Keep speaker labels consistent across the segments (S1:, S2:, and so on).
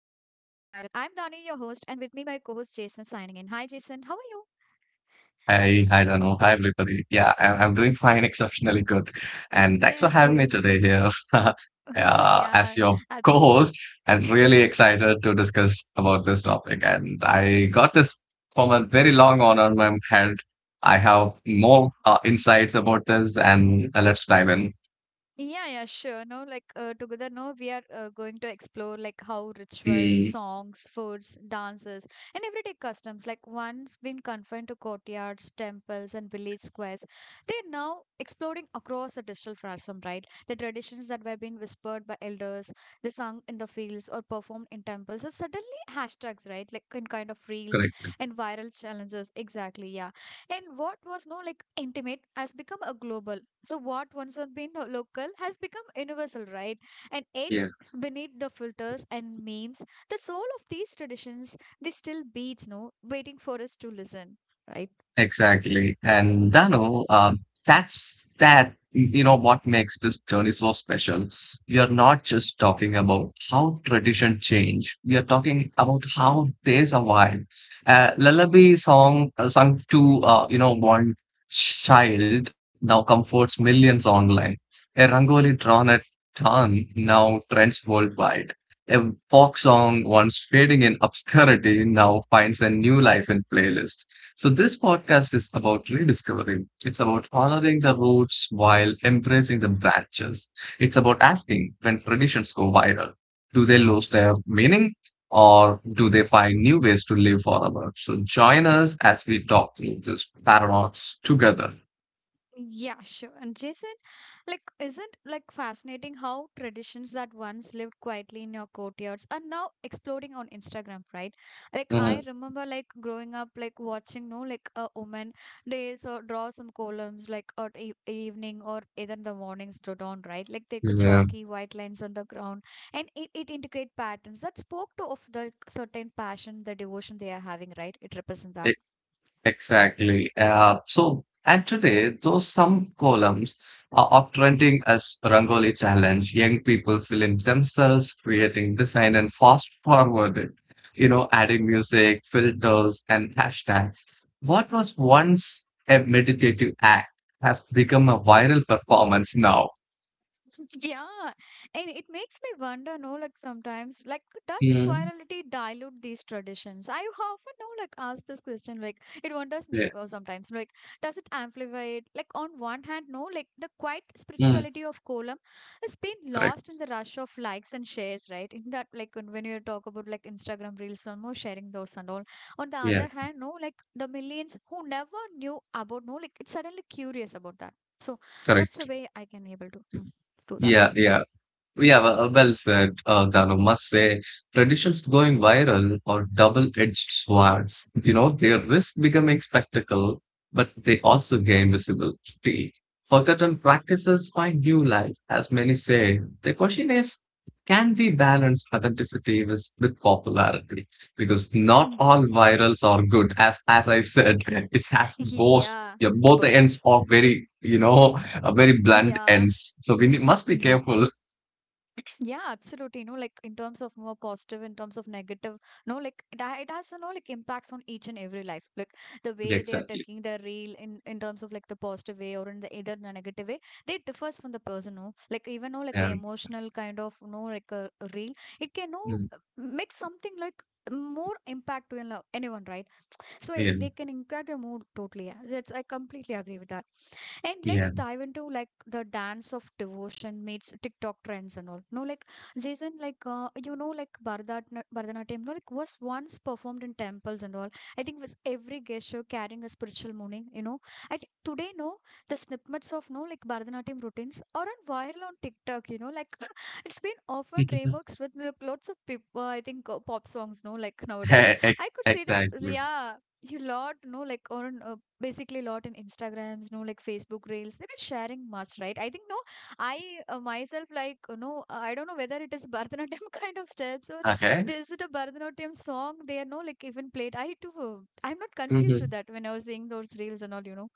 S1: Dani, your host, and with me my co-host Jason signing in. Hi Jason, how are
S2: I don't know. Hi everybody. Yeah, I'm doing fine, exceptionally good, and thanks for
S1: you?
S2: having me
S1: Okay.
S2: today here as
S1: Yeah,
S2: your co-host. I'm really excited to discuss about this topic, and I got this from a very long on my head. I have more insights about this, and let's dive in.
S1: yeah, sure. No, like together, no, we are going to explore like how rituals,
S2: Mm,
S1: songs, foods, dances, and everyday customs, like once been confined to courtyards, temples, and village squares, they are now exploding across the digital platform, right? The traditions that were being whispered by elders, they sung in the fields or performed in temples, are suddenly hashtags, right? Like in kind of reels
S2: correct.
S1: and viral challenges. Exactly, yeah. And what was no like intimate has become a global, so what once had been local has become universal, right? And yet,
S2: Yeah.
S1: beneath the filters and memes, the soul of these traditions, they still beats, no, waiting for us to listen, right?
S2: Exactly. And Dano, that's what makes this journey so special. We are not just talking about how tradition change. We are talking about how they survive. Lullaby song sung to, one child now comforts millions online. A rangoli drawn at dawn now trends worldwide. A folk song once fading in obscurity now finds a new life in playlist. So, this podcast is about rediscovering. It's about honoring the roots while embracing the branches. It's about asking when traditions go viral, do they lose their meaning or do they find new ways to live forever? So, join us as we talk through this paradox together.
S1: Yeah, sure. And Jason, like, isn't like fascinating how traditions that once lived quietly in your courtyards are now exploding on Instagram, right? Like, I
S2: Mhm.
S1: remember like growing up, like watching, no, like a woman days or draw some columns, like at e evening or either in the mornings to dawn, right? Like they could
S2: Yeah.
S1: chalky white lines on the ground, and it integrate patterns that spoke to of the certain passion, the devotion they are having, right? It represents that.
S2: Exactly. So, and today, though some columns are uptrending as Rangoli challenge, young people film themselves creating design and fast forward it, adding music, filters, and hashtags. What was once a meditative act has become a viral performance now.
S1: Yeah, and it makes me wonder, no, like sometimes, like does
S2: Mm,
S1: virality dilute these traditions? I often no, like, ask this question, like, it wonders me
S2: yeah.
S1: sometimes, like, does it amplify it? Like, on one hand, no, like, the quiet
S2: Mm,
S1: spirituality of Kolam has been
S2: correct.
S1: lost in the rush of likes and shares, right? In that, like, when you talk about like Instagram reels and more sharing those and all. On the
S2: Yeah.
S1: other hand, no, like, the millions who never knew about, no, like, it's suddenly curious about that. So that's the
S2: Correct.
S1: way I can able to. To that.
S2: Yeah. Yeah. Yeah, well said, Dano. Must say, traditions going viral are double-edged swords. You know, they risk becoming spectacle, but they also gain visibility. Forgotten practices find new life, as many say. The question is, can we balance authenticity with popularity? Because
S1: Mm.
S2: not all virals are good. As I said, it has both.
S1: Yeah.
S2: Yeah, both the
S1: Pos-
S2: ends are very blunt
S1: Yeah.
S2: ends. So we need, must be
S1: Yeah.
S2: careful.
S1: Yeah, absolutely. You know, like in terms of more positive, in terms of negative, no, like it, it has, you know, like impacts on each and every life. Like the
S2: Yeah,
S1: way they are
S2: exactly.
S1: taking their reel in terms of like the positive way or in the either the negative way, they differs from the person, no? Like even, no, like a
S2: And
S1: emotional kind of, no, like a reel, it can, no,
S2: mm,
S1: make something like more impact to you know, anyone, right? So
S2: yeah,
S1: it, they can impact your mood totally, yeah. That's I completely agree with that. And let's
S2: yeah,
S1: dive into like the dance of devotion meets TikTok trends and all, no, like Jason, like you know, like
S2: mm.
S1: Bharatanatyam, no, like was once performed in temples and all. I think was every gesture carrying a spiritual meaning, you know. I think today no, the snippets of no like bharatanatyam routines are on viral on TikTok, you know, like it's been often remixed with like, lots of people, I think pop songs no like nowadays.
S2: E- e-
S1: I could see them.
S2: exactly.
S1: Yeah, you lot know like on basically lot in instagrams no like Facebook reels they were sharing much, right? I think no, I myself like no, I don't know whether it is bharatanatyam kind of steps, or
S2: Okay.
S1: is it a bharatanatyam song they are no like even played, I too I'm not confused with
S2: Mhm.
S1: that when I was seeing those reels and all, you know.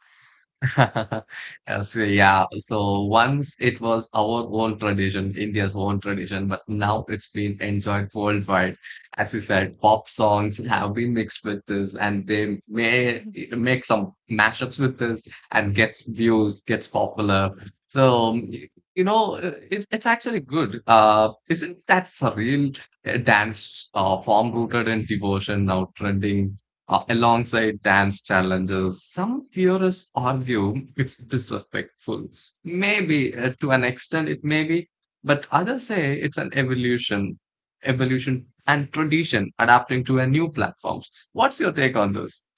S2: So, yeah. So once it was our own tradition, India's own tradition, but now it's been enjoyed worldwide. As you said, pop songs have been mixed with this, and they may make some mashups with this and gets views, gets popular. So it's actually good. Isn't that surreal dance form rooted in devotion now trending alongside dance challenges. Some purists argue it's disrespectful. Maybe to an extent it may be, but others say it's an evolution and tradition adapting to a new platforms. What's your take on this?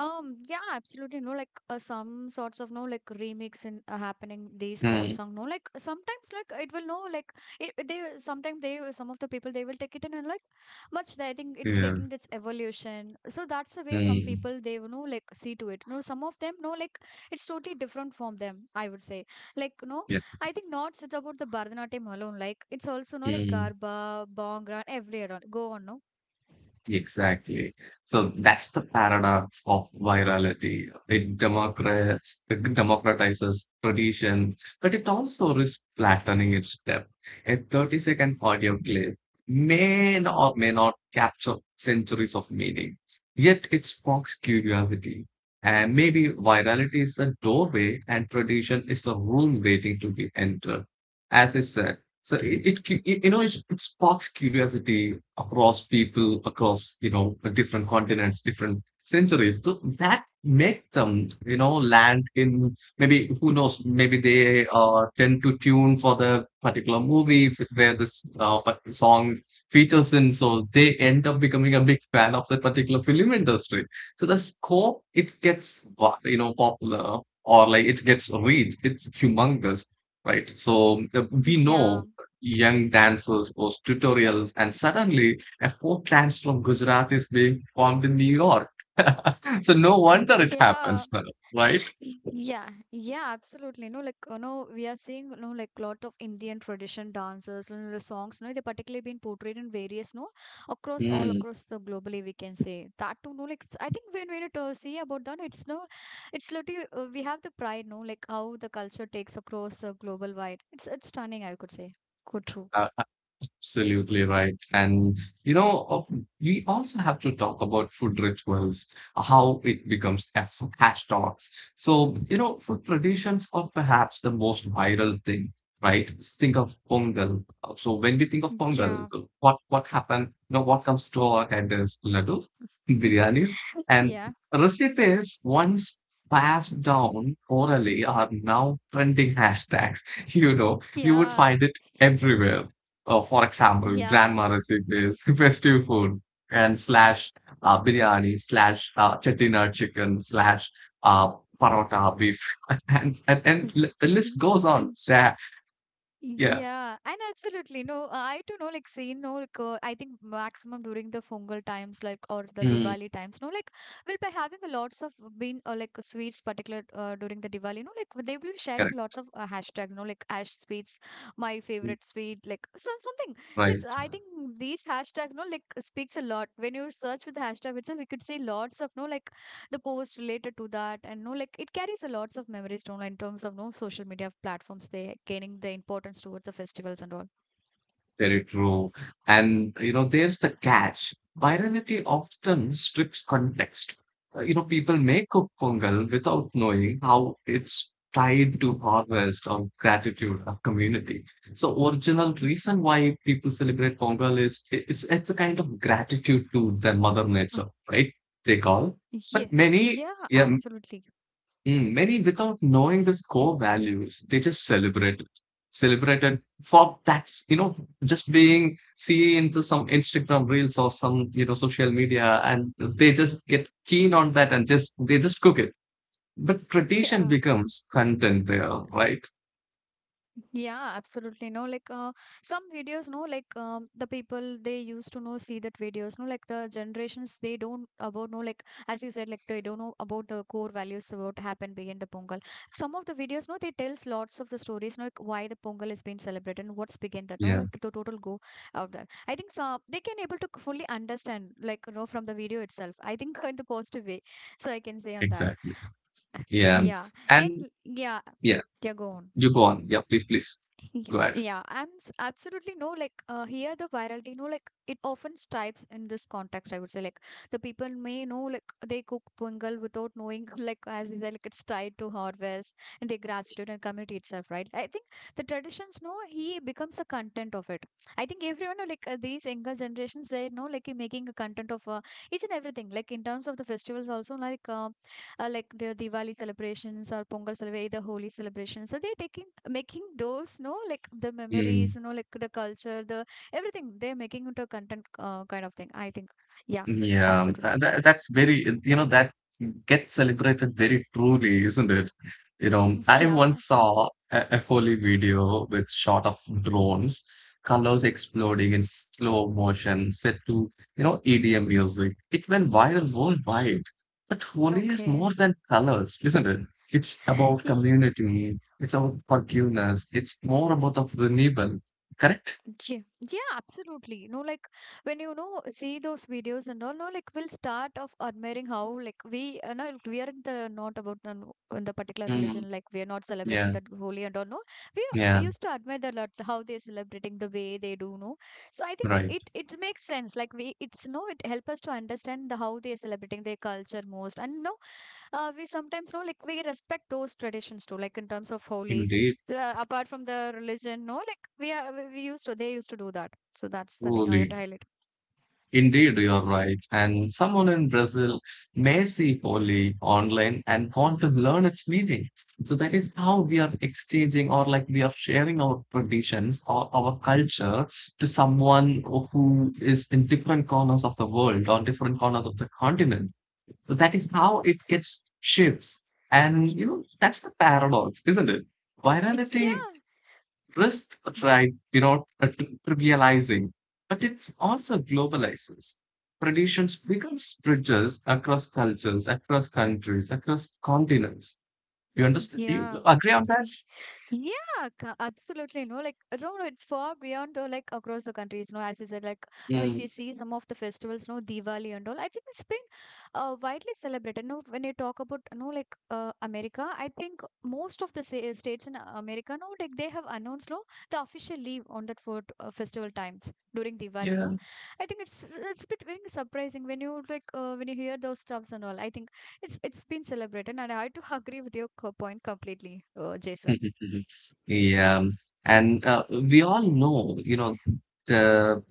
S1: Yeah, absolutely. No, like some sorts of no, like remix in happening these pop
S2: Mm,
S1: song. No, like sometimes like it will no, like it they sometimes they some of the people they will take it in and like much. I think it's
S2: yeah.
S1: taking its evolution. So that's the way some
S2: Mm,
S1: people they you know like see to it. No, some of them no, like it's totally different from them. I would say like no,
S2: yeah.
S1: I think not just about the Bharatanatyam alone. Like it's also no like
S2: Hmm.
S1: Garba, Bhangra, every around. Go on, no.
S2: Exactly. So that's the paradox of virality. It democratizes tradition, but it also risks flattening its depth. A 30-second audio clip may or may not capture centuries of meaning, yet it sparks curiosity. And maybe virality is the doorway and tradition is the room waiting to be entered. As I said, so it cu- you know, it sparks curiosity across people, across, different continents, different centuries. So that make them, land in maybe, who knows, maybe they tend to tune for the particular movie where this song features in. So they end up becoming a big fan of that particular film industry. So the scope, it gets, popular or like it gets reach. It's humongous, right? So we
S1: Yeah.
S2: know young dancers post tutorials, and suddenly a folk dance from Gujarat is being formed in New York. So no wonder it
S1: Yeah.
S2: happens, right?
S1: Yeah, yeah, absolutely. No, like you know, we are seeing you know like lot of Indian tradition dances, you know, the songs. You know, they particularly been portrayed in various, no, across all
S2: Mm.
S1: across the globally we can say that too. No, like it's, I think when we see about that, it's no, it's literally we have the pride. No, like how the culture takes across global wide. It's stunning, I could say. Good, true.
S2: Absolutely right. And you know, we also have to talk about food rituals, how it becomes a hashtags. So, you know, food traditions are perhaps the most viral thing, right? Think of Pongal. So when we think of Pongal,
S1: Yeah.
S2: what happened? You know, what comes to our head is laddus, biryanis, and
S1: Yeah.
S2: recipes once passed down orally are now trending hashtags. You know, you would
S1: Yeah.
S2: find it everywhere. For example,
S1: Yeah.
S2: grandma recipes, festive food, and slash biryani, slash chettinad chicken, slash uh, parota beef, the list goes on. That. Yeah,
S1: Yeah, and absolutely. No, I too know, like, see, no, like, I think maximum during the Pongal times, like, or the
S2: mm,
S1: Diwali times, no, like, we'll be having a lots of bean or like sweets, particular during the Diwali, no, like, they will be sharing
S2: correct.
S1: lots of hashtags, no, like, ash sweets, my
S2: Mm,
S1: favorite sweet, like, so, something. So, it's,
S2: right.
S1: I think these hashtags, no, like, speaks a lot. When you search with the hashtag itself, we could see lots of, no, like, the post related to that, and no like it carries a lots of memories to online in terms of no social media platforms they gaining the importance towards the festivals and all.
S2: Very true. And, you know, there's the catch. Virality often strips context. You know, people may cook pongal without knowing how it's tied to harvest or gratitude or community. So original reason why people celebrate pongal is it's a kind of gratitude to their mother
S1: Oh,
S2: nature, right? They call.
S1: yeah,
S2: But many,
S1: yeah,
S2: yeah.
S1: absolutely.
S2: Mm, many without knowing this core values, they just celebrate it. Celebrated for that's just being seen into some Instagram reels or some social media, and they just get keen on that and just they just cook it. But tradition
S1: Yeah,
S2: becomes content there, right?
S1: yeah, absolutely. No, like some videos, no, like the people they used to know see that videos, no, like the generations they don't about no, like as you said, like they don't know about the core values about happen behind the Pongal. Some of the videos, no, they tells lots of the stories, no, like why the Pongal is being celebrated and what's behind that, no,
S2: Yeah,
S1: like the total go out there. I think so they can able to fully understand, like you know, from the video itself. I think in the positive way, so I can say on that.
S2: exactly. Yeah,
S1: Yeah,
S2: and
S1: and yeah,
S2: yeah,
S1: yeah, go on.
S2: you go on. Yeah, please, please
S1: Yeah,
S2: go ahead.
S1: yeah, absolutely, no like here the virality, you know, like it often stripes in this context. I would say like the people may know like they cook pungal without knowing like as you said like it's tied to harvest and their gratitude and community itself, right? I think the traditions know he becomes the content of it. I think everyone like these younger generations they know like he making a content of each and everything like in terms of the festivals also like the Diwali celebrations or Pongal celebration, the Holi celebration. So they're taking making those, no, like the memories, no, like the culture, the everything. They're making into a content kind of thing. I think, yeah,
S2: Yeah,
S1: absolutely.
S2: that gets celebrated very truly, isn't it? You know, I
S1: Yeah,
S2: once saw a Foley video with shot of drones, colors exploding in slow motion, set to, EDM music. It went viral worldwide. But Holi is
S1: okay.
S2: more than colors, isn't it? It's about community. It's about forgiveness. It's more about of renewal, correct?
S1: Yeah, yeah, absolutely. No, like when you know see those videos and all, no, like we'll start of admiring how like we, no, we are the not about the, in the particular
S2: Mm,
S1: religion, like we are not celebrating
S2: yeah,
S1: that holy and all. No, we
S2: yeah,
S1: used to admire the lot how they're celebrating the way they do. No, so I think
S2: right.
S1: it it makes sense. Like we, it's no, it help us to understand the how they're celebrating their culture most, and no, we sometimes know like we respect those traditions too like in terms of holies and
S2: Indeed,
S1: apart from the religion, no like we are we used to they used to do that, so that's the thing I want
S2: truly.
S1: to highlight.
S2: Indeed, you're right. And someone in Brazil may see Holi online and want to learn its meaning. So that is how we are exchanging or like we are sharing our traditions or our culture to someone who is in different corners of the world or different corners of the continent. So that is how it gets shifts. And you know, that's the paradox, isn't it? Virality
S1: Yeah,
S2: risk right without trivializing, but it's also globalizes. Traditions becomes bridges across cultures, across countries, across continents. You understand? Do you
S1: yeah,
S2: agree on that?
S1: yeah, absolutely. No, like no, no, it's far beyond or like across the countries. No, as I said, like no, if
S2: Mm,
S1: you see some of the festivals, no, Diwali and all, I think it's been widely celebrated. No, when you talk about no, like America, I think most of the states in America, no, like they have announced no the official leave on that for festival times during Diwali. No,
S2: yeah.
S1: I think it's a bit very surprising when you like when you hear those stuffs and all. I think it's been celebrated, and I do agree with your point completely, Jason.
S2: Yeah, and we all know, you know, the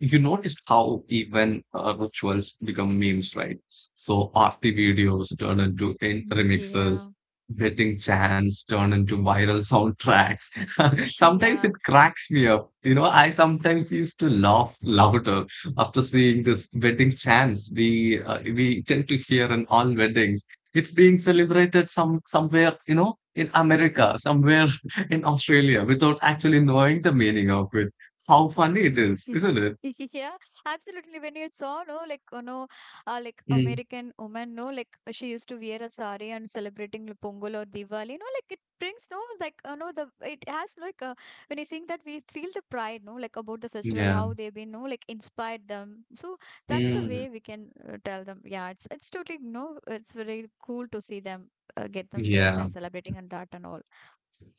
S2: you noticed how even rituals become memes, right? So arty videos turn into in
S1: Mm, yeah.
S2: remixes, betting chants turn into viral soundtracks. Sometimes it
S1: Yeah.
S2: cracks me up. You know, I sometimes used to laugh louder after seeing this wedding chants we tend to hear in all weddings. It's being celebrated somewhere, in America, somewhere in Australia, without actually knowing the meaning of it. How funny it is, isn't it?
S1: Yeah, absolutely. When you saw, no, like, you know, like
S2: Mm,
S1: American woman, no, like she used to wear a sari and celebrating the Pongal or Diwali, no, like it brings, no, like, you know, the it has like when you sing that we feel the pride, no, like about the festival,
S2: yeah.
S1: how they've been, no, like inspired them. So that's the
S2: Mm,
S1: way we can tell them. Yeah, it's totally, no, it's very cool to see them get them dressed
S2: yeah.
S1: and celebrating and that and all.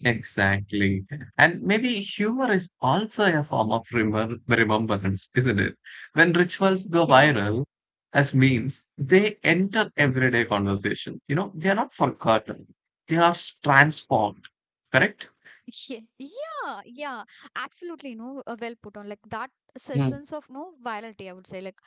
S2: Exactly. And maybe humor is also a form of remembrance, isn't it? When rituals go
S1: Yeah.
S2: viral as memes, they enter everyday conversation, you know, they are not forgotten. They are transformed, correct?
S1: Yeah, yeah, yeah, absolutely. You know, well put on like that
S2: Mm,
S1: sense of no virility, I would say. Like,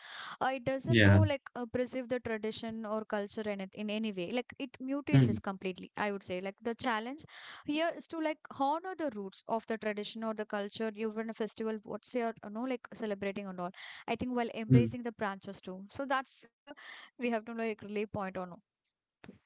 S1: it doesn't know
S2: yeah.
S1: like preserve the tradition or culture in it in any way. Like, it mutates it
S2: Mm,
S1: completely. I would say like the challenge here is to like honor the roots of the tradition or the culture. You've run a festival, what's your you know like celebrating and all. I think while
S2: mm.
S1: embracing the branches too. So that's how we have to like really point on.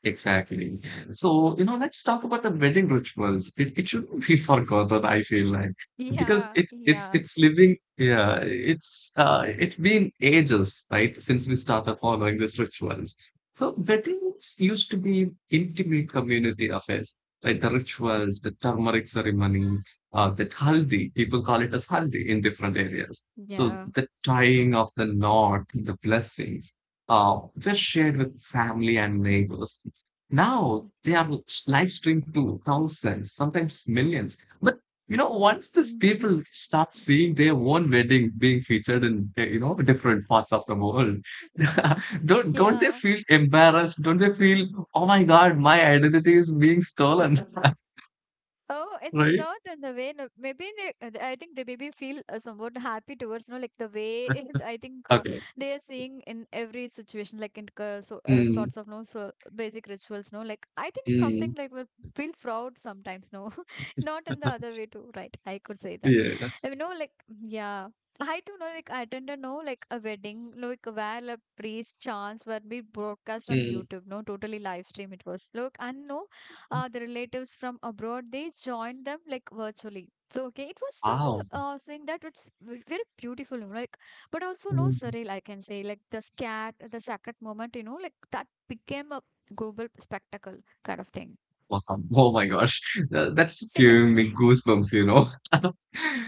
S2: Exactly. So, you know, let's talk about the wedding rituals. It shouldn't be forgotten, I feel like, because
S1: Yeah,
S2: it's it's
S1: yeah,
S2: it's living, yeah, it's been ages, right, since we started following these rituals. So weddings used to be intimate community affairs, like the rituals, the turmeric ceremony, that haldi, people call it as haldi in different areas. So
S1: yeah.
S2: the tying of the knot, the blessings uh, were shared with family and neighbors. Now they are live streamed to thousands, sometimes millions. But you know, once these
S1: Mhm.
S2: people start seeing their own wedding being featured in different parts of the world, don't they
S1: Yeah.
S2: feel embarrassed? Don't they feel, oh my God, my identity is being stolen,
S1: Oh, it's
S2: right?
S1: not in the way. No, maybe they, I think they maybe feel somewhat happy towards, you know, like the way it, I think
S2: Okay.
S1: they are seeing in every situation, like in
S2: Mm,
S1: sorts of no so basic rituals, no. Like I think something
S2: mm,
S1: like will feel proud sometimes, no, not in the other way too, right? I could say that
S2: yeah.
S1: you know like yeah, I do know like I attended no like a wedding like where a priest chants were being broadcast on
S2: Mm.
S1: YouTube no totally live stream it was look and no the relatives from abroad they joined them like virtually, so okay it was so no
S2: Wow.
S1: saying that it's very beautiful, you know, like but also no
S2: Mm.
S1: surreal I can say like the scat the sacred moment you know like that became a global spectacle kind of thing.
S2: Wow. Oh my gosh. That's giving me goosebumps.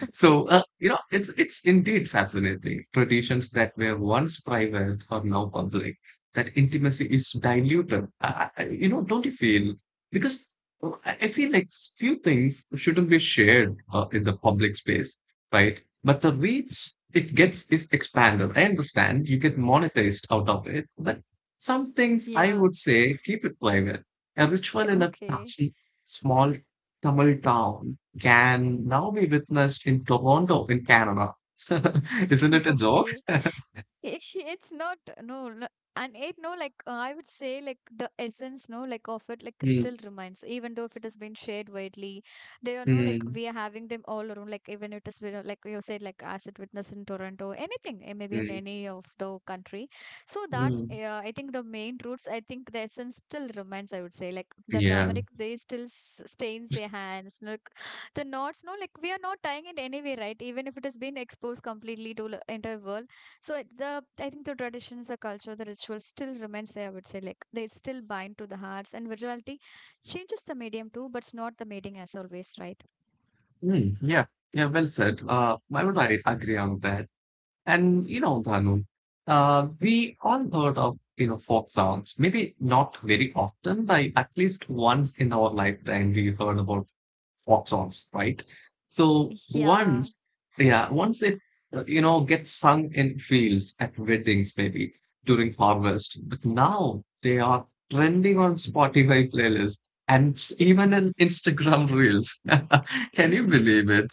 S1: Okay.
S2: So, you know, it's indeed fascinating. Traditions that were once private are now public. That intimacy is diluted. Don't you feel? Because I feel like few things shouldn't be shared in the public space, right? But the reach it gets is expanded. I understand you get monetized out of it, but some things I
S1: Yeah.
S2: would say keep it private. A ritual in a
S1: Okay.
S2: tiny, small Tamil town can now be witnessed in Toronto, in Canada. Isn't it a joke?
S1: Okay, it- it's not, no, no, and it no like I would say like the essence no like of it like it
S2: Mm,
S1: still remains even though if it has been shared widely. They are no like
S2: mm,
S1: we are having them all around, like even it is you know, like you said like as it witness in Toronto anything eh, maybe in
S2: mm,
S1: any of the country. So that
S2: mm.
S1: I think the main roots, I think the essence still remains. I would say like the
S2: Yeah.
S1: turmeric they still stains their hands, no, like the knots no like we are not tying it anyway right even if it has been exposed completely to the entire world. So it- the I think the traditions, the culture, the rituals still remains there. I would say like they still bind to the hearts, and virtuality changes the medium too, but it's not the meeting as always, right?
S2: Mm, yeah. Yeah. Well said. I agree on that. And you know, Dhanu, we all heard of folk songs. Maybe not very often, but at least once in our lifetime we heard about pop songs, right? So
S1: Yeah.
S2: once, yeah, once it, gets sung in fields at weddings, maybe during harvest, but now they are trending on Spotify playlists and even in Instagram reels. Can
S1: Yeah.
S2: you believe it?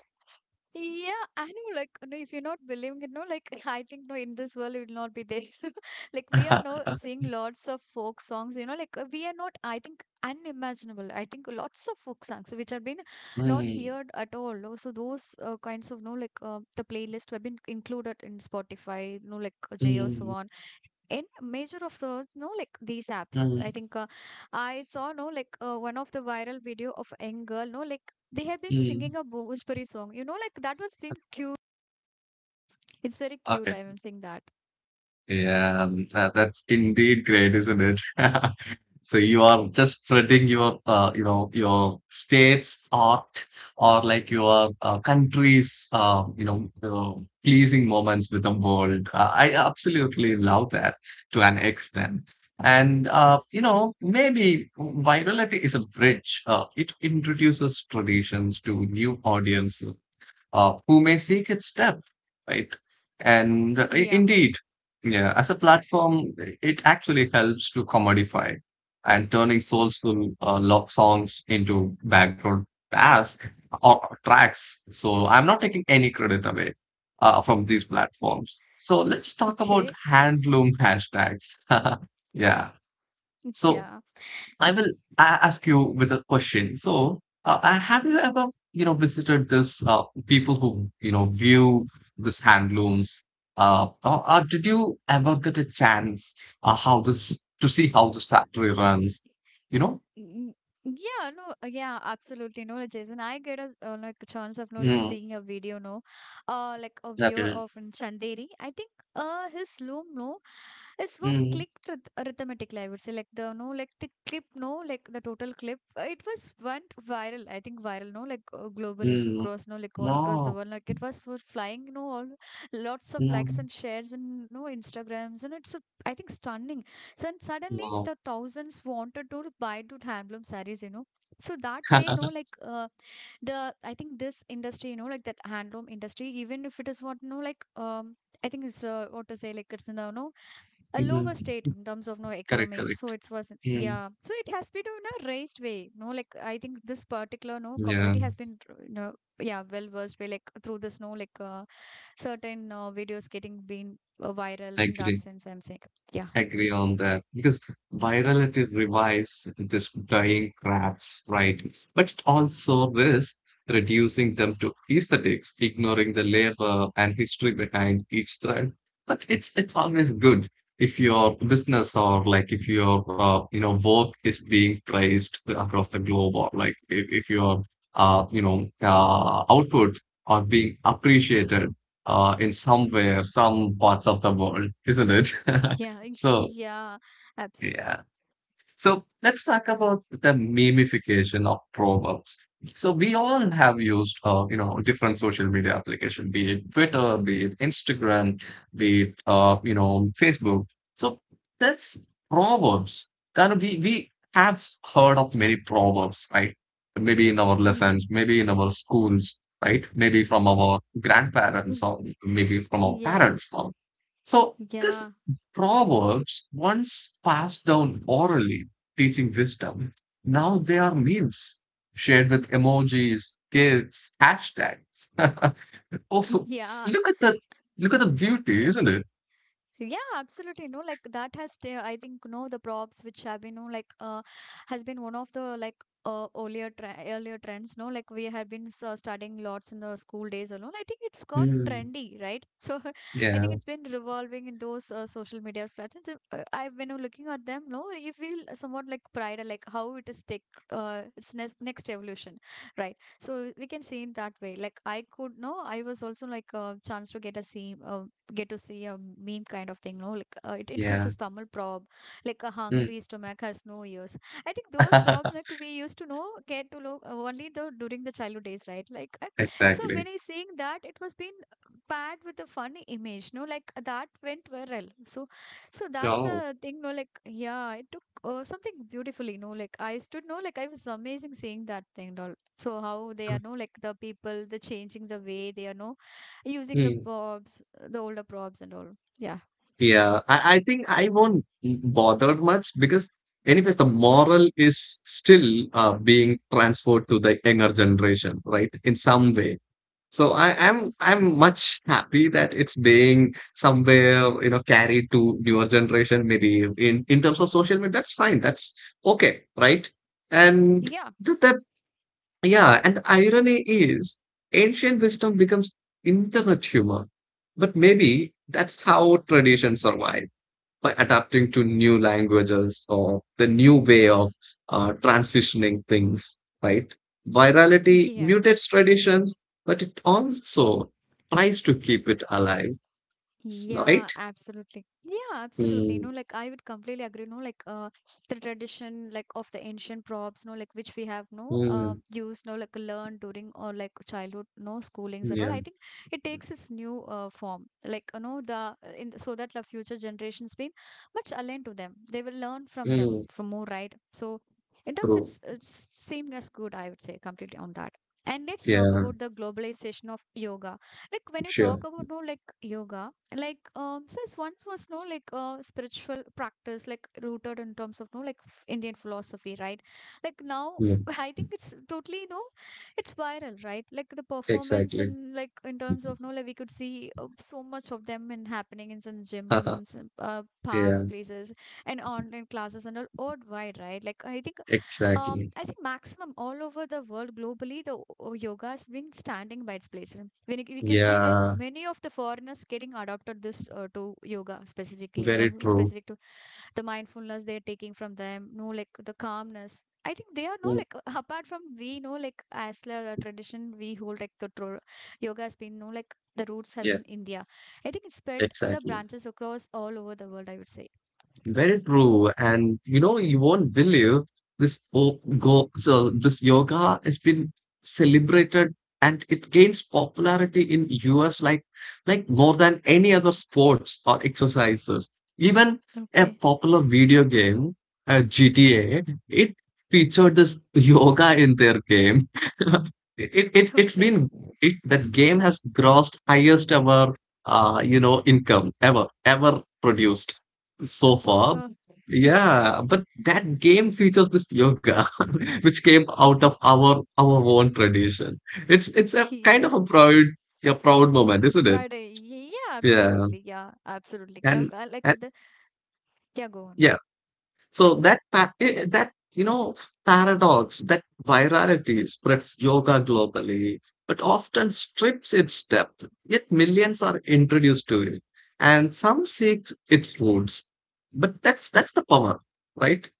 S1: Yeah, I know. Like, no, if you're not believing it, no, like, I think, no, in this world, it will not be there. Like, we are now seeing lots of folk songs, you know, like, we are not, I think, unimaginable. I think lots of folk songs which have been not
S2: Mm,
S1: heard at all. No. So, those kinds of, no, like, the playlist have been included in Spotify, no, like, J.O
S2: mm,
S1: in major of those no like these apps, I think I saw no like one of the viral video of a young girl no like they have been
S2: mm,
S1: singing a Bhojpuri song you know like that was being cute. It's very cute, I
S2: mm.
S1: am saying that.
S2: Yeah, that's indeed great, isn't it? So you are just spreading your, your state's art or like your country's, pleasing moments with the world. I absolutely love that to an extent. And you know, maybe virality is a bridge. It introduces traditions to new audiences who may seek its depth, right? And
S1: Yeah.
S2: indeed, yeah, as a platform, it actually helps to commodify and turning soulful love songs into background tasks or tracks. So I'm not taking any credit away from these
S1: Okay.
S2: platforms. So let's talk about
S1: Okay.
S2: handloom hashtags. Yeah. So
S1: Yeah.
S2: I will ask you with a question. So, have you ever, visited this people who, view this handlooms? Or did you ever get a chance how this to see how this factory runs? You know?
S1: Mm. Yeah, no, yeah, absolutely. No, like, Jason, I get a like a chance of no like
S2: Mm,
S1: seeing a video, no, like a view
S2: okay.
S1: of in Chanderi. I think his loom, no, this was
S2: Mm,
S1: clicked ryth rhythmically. I would say like the no like the clip, no, like the total clip. It was went viral. I think viral, no, like globally
S2: mm,
S1: across, no, like all across the
S2: no,
S1: world. Like it was for flying, no, all lots of
S2: no,
S1: likes and shares and no Instagrams, and it's a, I think stunning. So and suddenly
S2: no.
S1: the thousands wanted to buy to handloom sarees, you know. So that way, no, like the I think this industry, you know, like that handloom industry, even if it is what no, like I think it's what to say, like it's in the no a lower
S2: Mm,
S1: state in terms of no
S2: correct,
S1: economy.
S2: correct.
S1: So it was
S2: Mm,
S1: yeah. So it has been in a raised way. No, like I think this particular no
S2: yeah,
S1: commodity has been tr- you know yeah well versed way like through this no like certain videos getting been viral
S2: I
S1: in that
S2: agree.
S1: sense. I'm saying yeah.
S2: Agree on that because virality revives this dying crafts, right? But it also risks reducing them to aesthetics, ignoring the labor and history behind each thread. But it's always good if your business or like if your work is being praised across the globe or like if your output are being appreciated in somewhere, some parts of the world, isn't it?
S1: Yeah, ex-
S2: So
S1: yeah, absolutely.
S2: yeah, so let's talk about the memification of proverbs. So we all have used, different social media application, be it Twitter, be it Instagram, be it, Facebook. So that's proverbs. That we have heard of many proverbs, right? Maybe in our
S1: Mm,
S2: lessons, maybe in our schools, right? Maybe from our grandparents
S1: mm.
S2: or maybe from our
S1: Yeah,
S2: parents. Or so this
S1: yeah,
S2: proverbs once passed down orally teaching wisdom. Now they are memes shared with emojis, gifs, hashtags. Oh,
S1: yeah.
S2: look at the look at the beauty, isn't it?
S1: Yeah, absolutely. No, like that has, I think, no, the props which have been, no, like, has been one of the like earlier trends. No, like we had been studying lots in the school days alone. I think it's got
S2: Mm,
S1: trendy, right? So I
S2: yeah,
S1: think it's been revolving in those social media platforms. I have been looking at them, no, you feel somewhat like pride, like how it is take its next evolution, right? So we can see in that way. Like I could, no, I was also like a chance to get a see get to see a meme kind of thing no like it includes
S2: yeah.
S1: this Tamil prob like a
S2: Mm.
S1: hungry stomach has no ears. I think those probs like we used to know get to know only the during the childhood days right like so when
S2: Exactly.
S1: I seeing that it was been paired with a funny image no like that went viral. So so that's
S2: Oh.
S1: a thing no like yeah it took something beautifully no like I stood no like I was amazing seeing that thing and all. So how they
S2: uh,
S1: are no like the people the changing the way they are no using the
S2: mm.
S1: props, the older props and all. Yeah.
S2: Yeah, I think I won't bother much because anyways the moral is still being transferred to the younger generation, right? In some way, so I'm much happy that it's being somewhere carried to newer generation. Maybe in terms of social media, that's fine. That's okay, right? And
S1: Yeah,
S2: the yeah, and the irony is ancient wisdom becomes internet humor. But maybe that's how tradition survives by adapting to new languages or the new way of transitioning things, right? Virality
S1: yeah.
S2: mutates traditions, but it also tries to keep it alive,
S1: Yeah,
S2: right?
S1: absolutely. Yeah, absolutely.
S2: Mm,
S1: No, like I would completely agree. No, like the tradition, like of the ancient props, no, like which we have no
S2: mm,
S1: used, no, like learned during or like childhood, no schoolings and all.
S2: yeah,
S1: I think it takes its new form, like you know the in the- so that the future generations been much aligned to them. They will learn from them
S2: mm,
S1: from more right. So in terms,
S2: true.
S1: it's same as good. I would say completely on that. And let's talk
S2: Yeah,
S1: about the globalization of yoga. Like when you talk
S2: sure.
S1: about no like yoga like since once was no like spiritual practice like rooted in terms of no like Indian philosophy right like now
S2: Mm,
S1: I think it's totally no it's viral right like the performance
S2: exactly.
S1: in like in terms of no like we could see so much of them in happening in some
S2: Haha,
S1: gyms and, parks
S2: yeah,
S1: places and online classes and all worldwide right like I think
S2: exactly.
S1: I think maximum all over the world globally, the yoga has been standing by its place. When you- we could see like
S2: Yeah,
S1: many of the foreigners getting adopted this to yoga specifically,
S2: very
S1: no
S2: true.
S1: specific to the mindfulness they're taking from them, no like the calmness. I think they are no
S2: Mm,
S1: like apart from we know like as the tradition we hold like the yoga has been no like the roots has
S2: yeah,
S1: in India. I think it spread the
S2: exactly.
S1: branches across all over the world. I would say.
S2: Very true. And you won't believe this. Oh, go so this yoga has been celebrated and it gains popularity in US like more than any other sports or exercises. Even a
S1: Okay.
S2: popular video game, GTA, it featured this yoga in their game. It it's
S1: Okay.
S2: been it, That game has grossed highest ever income ever produced so
S1: Super.
S2: far. Yeah, but that game features this yoga which came out of
S1: Okay.
S2: our own tradition. It's a
S1: Yeah.
S2: kind of a proud moment, isn't it?
S1: Friday. Yeah,
S2: Yeah,
S1: absolutely. Yeah, absolutely.
S2: and,
S1: Like, I like
S2: and
S1: the yeah, go on.
S2: yeah, so that pa- eh, eh, that you know paradox, that virality spreads yoga globally, but often strips its depth. Yet millions are introduced to it, and some seek its roots. But that's the power, right?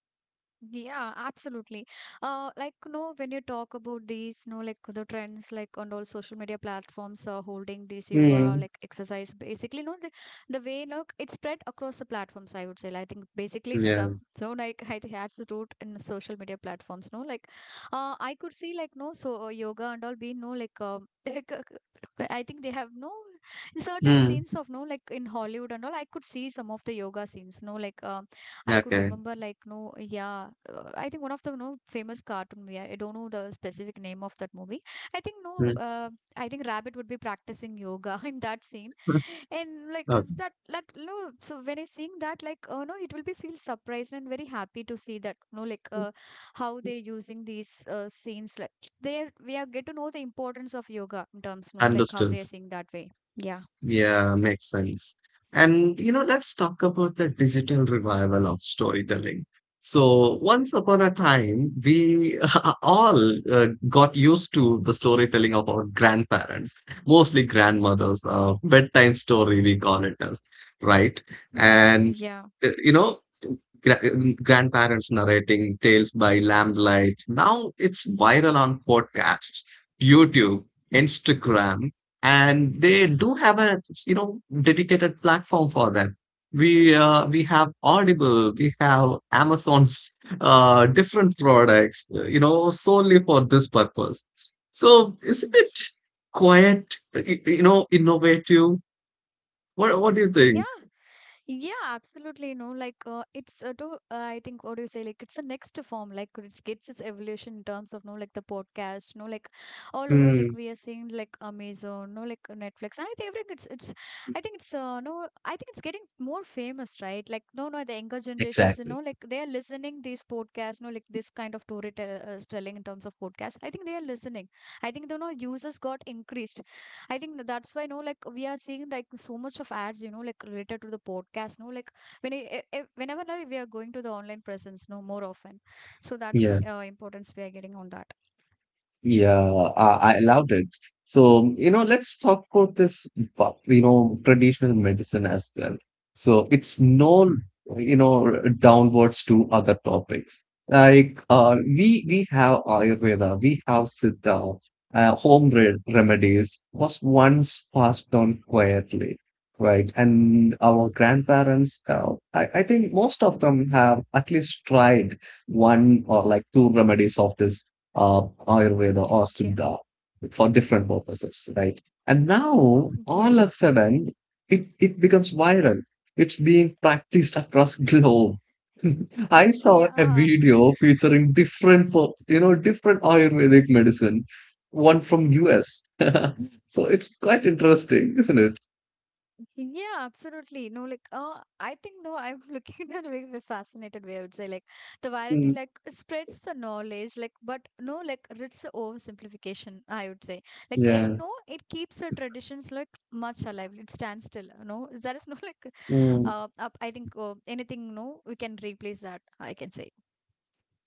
S1: Yeah, absolutely. Like, no, when you talk about these, no, like the trends, like on all social media platforms are holding this yoga,
S2: Hmm.
S1: like exercise, basically, no, the way, look, it spread across the platforms, I would say. Like, I think basically it's
S2: Yeah.
S1: from, no, like, I think it has the root in the social media platforms, no, like, I could see, like, no, so yoga and all being, no, like, like, I think they have no certain
S2: Hmm.
S1: scenes of, no, like in Hollywood and all, I could see some of the yoga scenes, no, like, I could
S2: Okay.
S1: remember like no, yeah, I think one of the no famous cartoon movie. I don't know the specific name of that movie. I think no,
S2: Hmm.
S1: I think Rabbit would be practicing yoga in that scene, and like
S2: Okay.
S1: is that that no. So when I seeing that, like oh no, it will be feel surprised and very happy to see that no, like how they using these scenes. Like they we are get to know the importance of yoga in terms no, like how they
S2: Understood.
S1: are seeing that way. Yeah.
S2: Yeah, makes sense. And let's talk about the digital revival of storytelling. So, once upon a time, we all got used to the storytelling of our grandparents, mostly grandmothers, bedtime story, we call it as, right?
S1: Mm.
S2: And
S1: Yeah.
S2: you know, gra- grandparents narrating tales by lamplight. Now it's viral on podcasts, YouTube, Instagram, and they do have a dedicated platform for that. We have audible, we have amazon's different products solely for this purpose. So isn't it
S1: Y-
S2: quite innovative? What do you think?
S1: Yeah. Yeah, absolutely. No, like it's to I think what do you say? Like it's a next form. Like it's gets its evolution in terms of no, like the podcast. No, like all over. Like
S2: Mm,
S1: we are seeing like Amazon. No, like Netflix. And I think everything it's. I think it's no. I think it's getting more famous, right? Like no, no, the younger generations. You know,
S2: exactly.
S1: like they are listening these podcasts. No, like this kind of storytelling in terms of podcasts. I think they are listening. I think the no users got increased. I think that's why no, like we are seeing like so much of ads, you know, like related to the podcast. No, like when I, whenever like, we are going to the online presence, no more often. So that's the
S2: Yeah.
S1: importance we are getting on that.
S2: Yeah, I loved it. So, let's talk about this, traditional medicine as well. So it's no, you know, downwards to other topics. Like we have Ayurveda, we have Siddha, home re remedies was once passed on quietly, right? And our grandparents, I think most of them have at least tried one or like two remedies of this uh, Ayurveda or
S1: Okay.
S2: Siddha for different purposes, right? And now
S1: Yeah.
S2: all of a sudden, it becomes viral. It's being practiced across globe. I saw a
S1: Yeah.
S2: video featuring different, per- you know, different Ayurvedic medicine, one from US. So it's quite interesting, isn't it?
S1: Yeah, absolutely. No, like, I think no, I'm looking at a very a fascinated way. I would say like the virality
S2: Mm,
S1: like spreads the knowledge, like, but no, like it's a oversimplification. I would say like it
S2: yeah.
S1: no, it keeps the traditions like much alive. It stands still. No, there is no like,
S2: Mm.
S1: I think anything. No, we can replace that. I can say.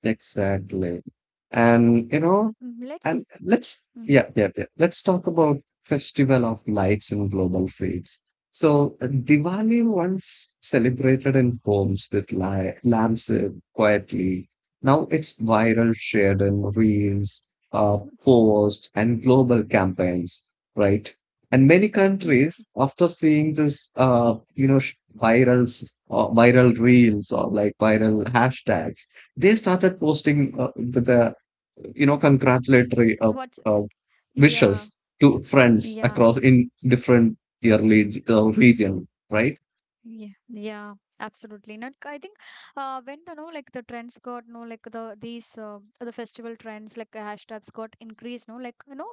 S2: Exactly. And you know,
S1: Mm, let's.
S2: and let's
S1: Mm.
S2: Yeah, yeah, yeah. Let's talk about Festival of Lights and global feeds. So Diwali once celebrated in homes with li lamps quietly. Now it's viral, shared in reels,
S1: Mm.
S2: posts, and global campaigns, right? And many
S1: Mm.
S2: countries, after seeing this, virals or viral reels or like viral hashtags, they started posting with the congratulatory
S1: What's,
S2: uh,
S1: yeah,
S2: wishes to friends
S1: yeah.
S2: across in different yearly region, right?
S1: Yeah, yeah, absolutely. Not, I think when the no like the trends got no like the these the festival trends like hashtags got increased. No, like you know,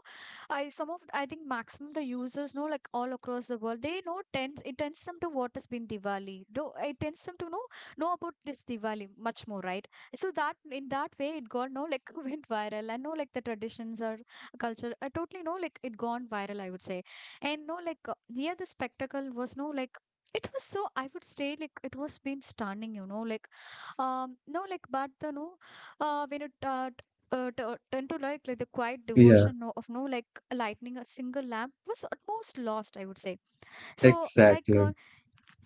S1: I some of I think maximum the users know like all across the world they know tends it tends them to what has been Diwali. Though it tends them to know about this Diwali much more, right? So that in that way it got no like went viral. I know like the traditions or culture. I totally know like it gone viral. I would say, and no like here the spectacle was no like it was, so I would say like it was been stunning, you know, like no like but the no when it tend to like the quiet
S2: Yeah,
S1: devotion, you know, like lightning a single lamp was almost lost, I would say. So like
S2: exactly.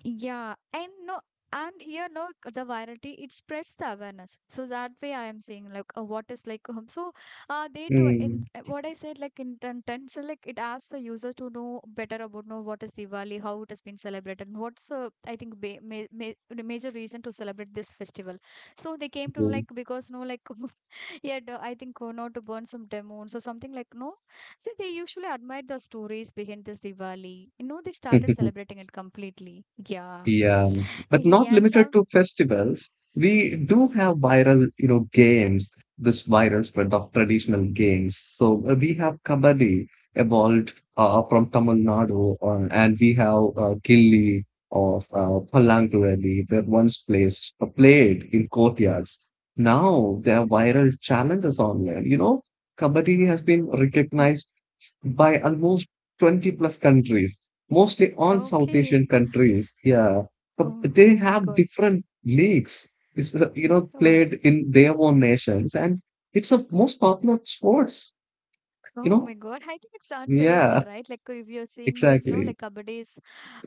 S1: yeah and no and here no the virality it spreads the awareness, so that way I am saying like what is like so they too
S2: Mm.
S1: what I said, like in terms, so, like it asks the user to know better about know what is Diwali, how it has been celebrated, and what's I think the major reason to celebrate this festival. So they came to know, like because no like yeah I think not to burn some demons or something like no. So they usually admired the stories behind this Diwali. You know they started
S2: Mm.
S1: celebrating it completely. Yeah.
S2: Yeah, but not
S1: Yeah. And
S2: limited
S1: so,
S2: to festivals. We do have viral, you know, games, this viral spread of traditional games. So we have Kabaddi evolved from Tamil Nadu, and we have Gilli of Palangurali that once played in courtyards. Now there are viral challenges online. Kabaddi has been
S1: mm,
S2: recognized by almost 20 plus countries, mostly all South
S1: okay.
S2: Asian countries. Yeah, but
S1: Oh,
S2: they
S1: oh my
S2: have
S1: God.
S2: different leagues. It's
S1: Oh.
S2: played in their own nations, and it's a most popular sports. You
S1: Oh my
S2: know,
S1: God. I think it's unbelievable,
S2: yeah,
S1: right? Like if you're seeing this, no, like
S2: exactly.
S1: Kabaddi is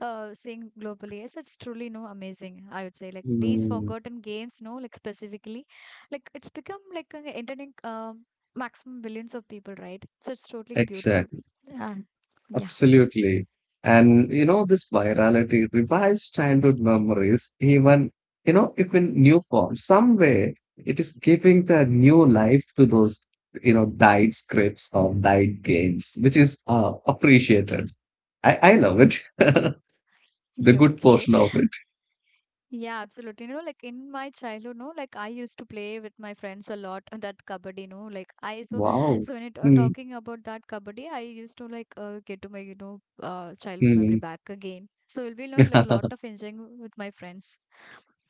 S1: seeing globally. Yes, it's truly no amazing, I would say. Like these
S2: Mm,
S1: forgotten games, no, like specifically. Like it's become like an entertaining maximum billions of people, right? So it's totally beautiful.
S2: exactly.
S1: Uh, yeah.
S2: Absolutely. And this virality revives childhood memories, even, if in new form. Some way it is giving the new life to those, died scripts or died games, which is appreciated. I love it. The good
S1: Okay.
S2: portion of it.
S1: Yeah, absolutely. You know, like in my childhood, no, like I used to play with my friends a lot on that kabaddi, you know, like I so
S2: Wow.
S1: so when it, talking about that kabaddi, I used to like get to my you know childhood memory
S2: Mm-hmm.
S1: back again. So we'll be you know, like lot of enjoying with my friends.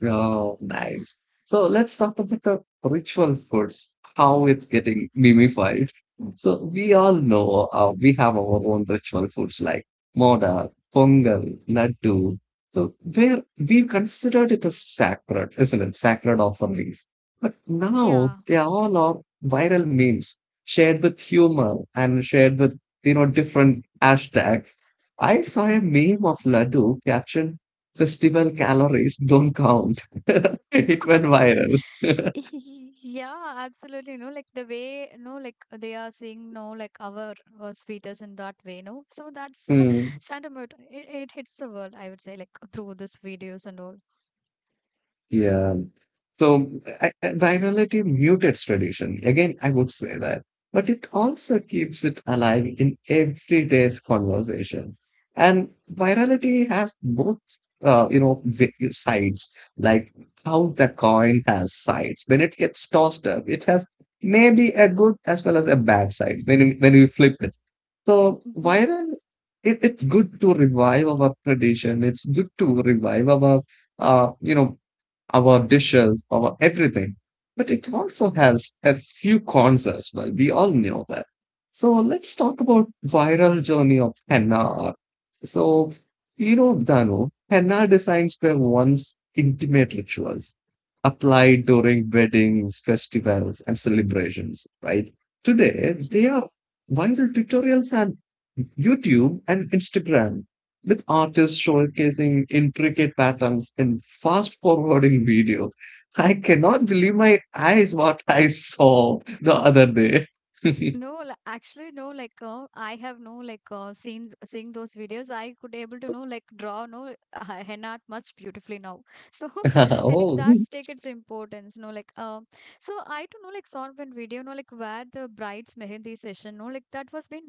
S2: Oh, nice. So let's talk about the ritual foods, how it's getting mimified. So we all know we have our own ritual foods like moda, pongal, laddu. So where we considered it as sacred, isn't it? Sacred offerings. But now
S1: Yeah.
S2: they all are viral memes shared with humor and shared with, different hashtags. I saw a meme of laddu captioned "Festival calories don't count." It went
S1: Okay.
S2: viral.
S1: Yeah, absolutely. No, like the way, no, like they are seeing, no, like our sweeters in that way, no. So that's
S2: Mm,
S1: standard mode. It hits the world, I would say, like through these videos and all.
S2: yeah. So I, virality mutates tradition. Again, I would say that. But it also keeps it alive in everyday's conversation. And virality has both, sides, like how the coin has sides. When it gets tossed up, it has maybe a good as well as a bad side when, when we flip it. So
S1: Yeah.
S2: viral, it's good to revive our tradition. It's good to revive uh, you know, our dishes, our everything. But it also has a few cons as well. We all know that. So let's talk about viral journey of henna art. So, Dano, henna designs were once intimate rituals applied during weddings, festivals, and celebrations, right? Today, they are viral tutorials and YouTube and Instagram, with artists showcasing intricate patterns in fast forwarding videos. I cannot believe my eyes what I saw the other day.
S1: No, actually, no. Like, I have no like seen seeing those videos. I could able to know like draw no henna art much beautifully now. So, I think
S2: Oh,
S1: that's take its importance. No, like so I don't know like saw one video. No, like where the bride's mehendi session. No, like that was been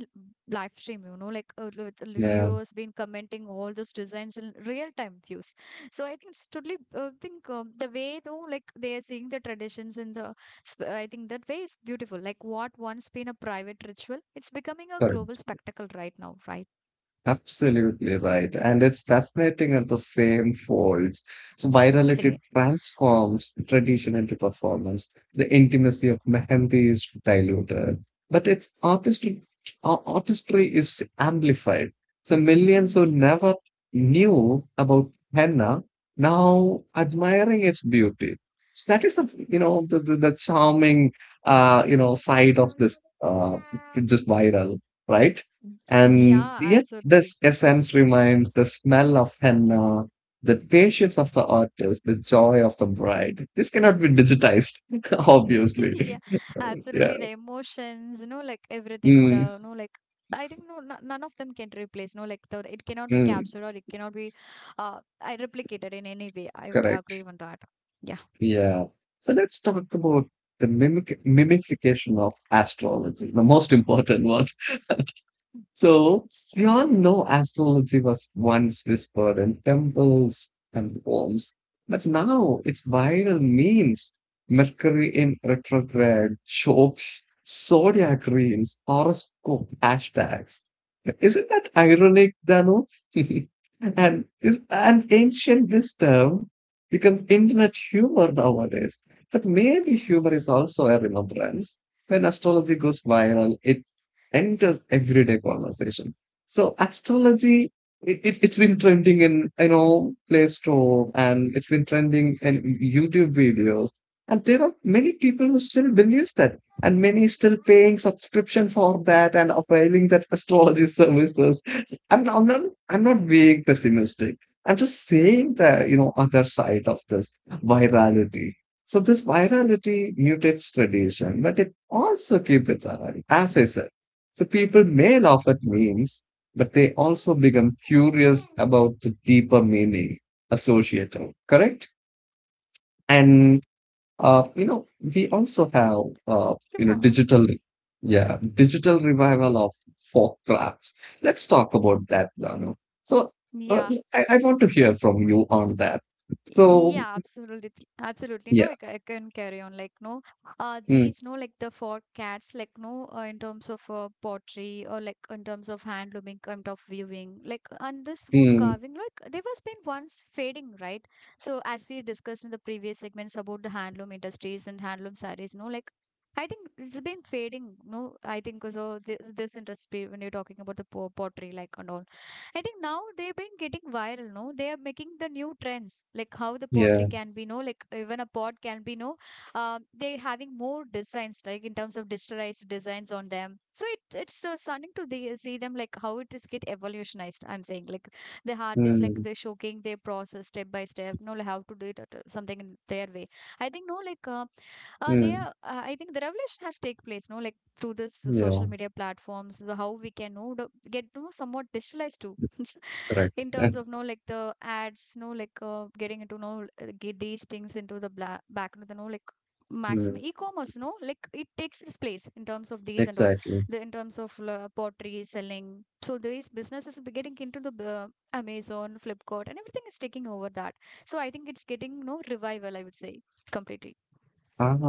S1: live stream. You know, like with the
S2: yeah,
S1: viewers been commenting all those designs in real time views. So I think it's totally think the way though like they are seeing the traditions in the I think that way is beautiful. Like what once been a private ritual, it's becoming a global
S2: correct.
S1: spectacle right now, right?
S2: Absolutely right. And it's fascinating at the same folds. So virality
S1: Eh,
S2: transforms tradition into performance. The intimacy of Mehendi is diluted, but its artistic artistry is amplified. So millions
S1: mm.
S2: who never knew about henna now admiring its beauty. So that is the you
S1: Hmm.
S2: know the, the, the charming side of this just viral, right? And
S1: Yeah,
S2: yet,
S1: absolutely.
S2: this essence remains: the smell of henna, the patience of the artist, the joy of the bride. This cannot be digitized, obviously.
S1: Yeah,
S2: Yeah.
S1: absolutely. The emotions, you know, like everything.
S2: Mm,
S1: The no, like I think no, none of them can replace. No, like the it cannot be
S2: mm,
S1: captured or it cannot be, I replicated in any way. I would agree
S2: correct.
S1: on that. Yeah.
S2: Yeah. So let's talk about the mimic mimification of astrology, the most important one. So we all know astrology was once whispered in temples and homes, but now it's viral memes. Mercury in retrograde, jokes, zodiac reels, horoscope hashtags. Isn't that ironic, Dano? and is an ancient wisdom becomes internet humor nowadays. But maybe humor is also a remembrance. When astrology goes viral, it enters everyday conversation. So astrology, it's been trending in, Play Store and it's been trending in YouTube videos. And there are many people who still believes that and many still paying subscription for that and availing that astrology services. I'm, not- I'm not, I'm not being pessimistic. I'm just saying the, other side of this virality. So this virality mutates tradition, but it also keeps it alive, as I said. So people may laugh at memes, but they also become curious about the deeper meaning associated, correct? And we
S1: Eh,
S2: also have uh, you
S1: come
S2: know,
S1: on.
S2: digital, yeah, digital revival of folk crafts. Let's talk about that, Dano. So uh,
S1: Yeah.
S2: I want to hear from you on that. So
S1: Yeah, absolutely, absolutely. No,
S2: yeah,
S1: I, I can carry on. Like, no,
S2: mm,
S1: these, no, like the for cats, like, no, in terms of pottery or like in terms of hand looming, kind of viewing, like, and this wood
S2: mm,
S1: carving, like, they was been once fading, right? So, as we discussed in the previous segments about the handloom industries and handloom sarees, no, like, I think it's been fading. No, I think so. This industry, when you're talking about the pottery, like, and all. I think now they've been getting viral, no? They are making the new trends, like how the
S2: yeah,
S1: pottery can be, no? Like even a pot can be, no? They're having more designs, like in terms of digitalized designs on them. So it it's stunning to the, see them, like how it is get evolutionized. I'm saying, like the artists, like
S2: mm,
S1: they're showing their process step by step, no? Like how to do it, at, something in their way. I think, no? Like they
S2: mm,
S1: are I think the revolution has take place no like through this social
S2: yeah,
S1: media platforms the how we can know get to know somewhat digitalized too.
S2: correct.
S1: In terms of no like the ads no like getting into no get these things into the back into the no like
S2: Mm,
S1: maximum e-commerce no like it takes its place in terms of these and all
S2: exactly.
S1: the in terms of pottery selling, so these businesses be getting into the Amazon, Flipkart, and everything is taking over that. So I think it's getting no revival, I would say, completely.
S2: Ah,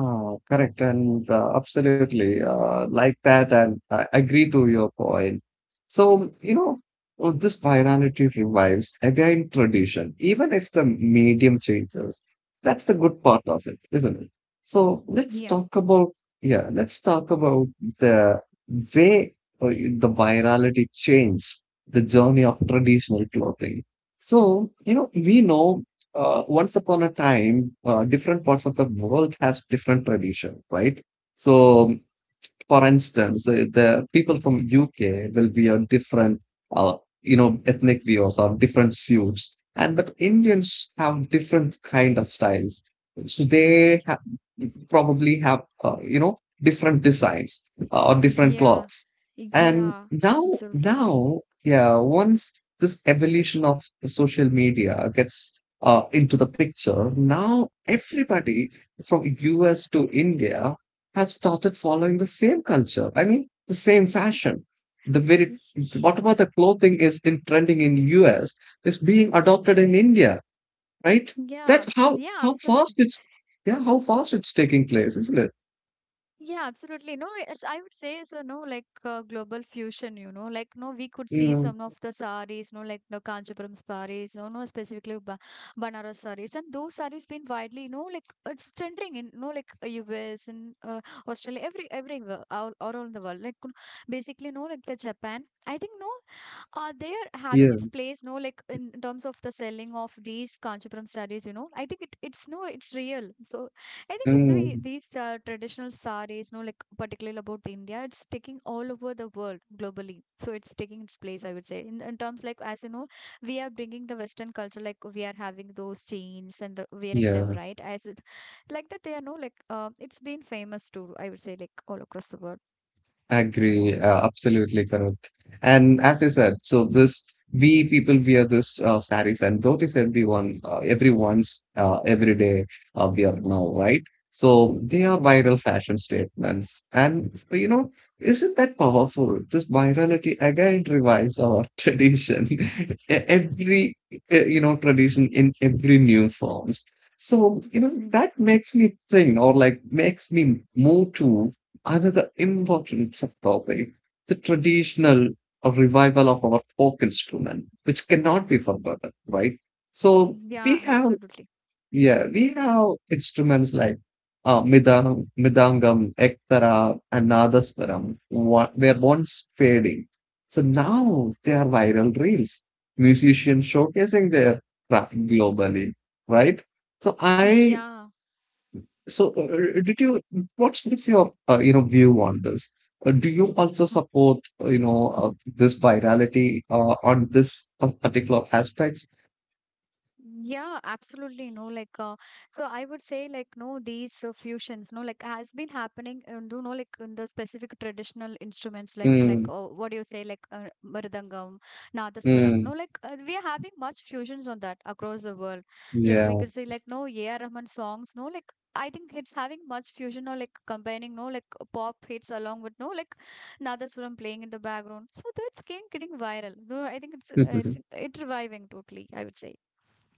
S2: correct. And Absolutely, like that. And I agree to your point. So, this virality revives again tradition, even if the medium changes. That's the good part of it, isn't it? So let's talk about the way the virality changed the journey of traditional clothing. So, you know, we know once upon a time, different parts of the world has different tradition, right? So, um, for instance, the people from UK will be on different, ethnic views or different suits, and but Indians have different kind of styles. So they ha Probably have different designs or different
S1: Yeah,
S2: clothes. And
S1: yeah,
S2: now,
S1: absolutely.
S2: now, yeah, once this evolution of social media gets into the picture, now everybody from US to India have started following the same culture. I mean, the same fashion. The very
S1: Yeah,
S2: Whatever the clothing is in trending in US is being adopted in India, right? That
S1: yeah,
S2: how fast
S1: absolutely.
S2: it's Yeah, how fast it's taking place, isn't it?
S1: Yeah, absolutely. No, it's, I would say it's a no, like global fusion, you know, like no, we could see
S2: Mm,
S1: some of the saris, no, like the Kanchipuram saris, no, no, specifically ba Banaras saris, and those saris been widely, you know, like it's trending in, no, like US and Australia, everywhere, all around the world, like you know, basically, no, like the Japan. I think no, they are having
S2: yeah,
S1: its place, no, like in terms of the selling of these Kanchipuram sarees, you know. I think it, it's no, it's real. So I think it's the,
S2: mm,
S1: these traditional sarees, no, like particularly about India, it's taking all over the world globally. So it's taking its place, I would say. In terms like, as you know, we are bringing the Western culture, like we are having those chains and the, wearing them,
S2: yeah.
S1: right? As like that, they are no, like it's been famous too, I would say, like all across the world.
S2: Agree, absolutely correct. And as I said, so this we people wear this saris and notice everyone, everyone's everyday wear now, right? So they are viral fashion statements, and you know, isn't that powerful? This virality again revives our tradition, every tradition in every new forms. So you know
S1: Mm.
S2: that makes me think, or like makes me move to another important subtopic, the traditional revival of our folk instrument, which cannot be forgotten, right? So we
S1: Yeah,
S2: have,
S1: absolutely.
S2: yeah, we have instruments like midang, midangam, ektara, and nadaswaram were once fading. So now they are viral reels, musicians showcasing their craft globally, right? So I
S1: Yeah.
S2: so, did you? What's your view on this? Do you also support this virality on this particular aspects?
S1: Yeah, absolutely. No, like, so I would say, like, no, these fusions, no, like, has been happening, do know, like, in the specific traditional instruments, like,
S2: Mm,
S1: oh, what do you say, like, mridangam, nadaswaram,
S2: mm,
S1: no, like, we are having much fusions on that across the world. Like, we
S2: yeah.
S1: could say, like, no, A.R. Rahman songs, no, like, I think it's having much fusion or like combining, no, like pop hits along with no, like nadaswaram playing in the background. So that's getting viral. Though I think it's it reviving totally, I would say.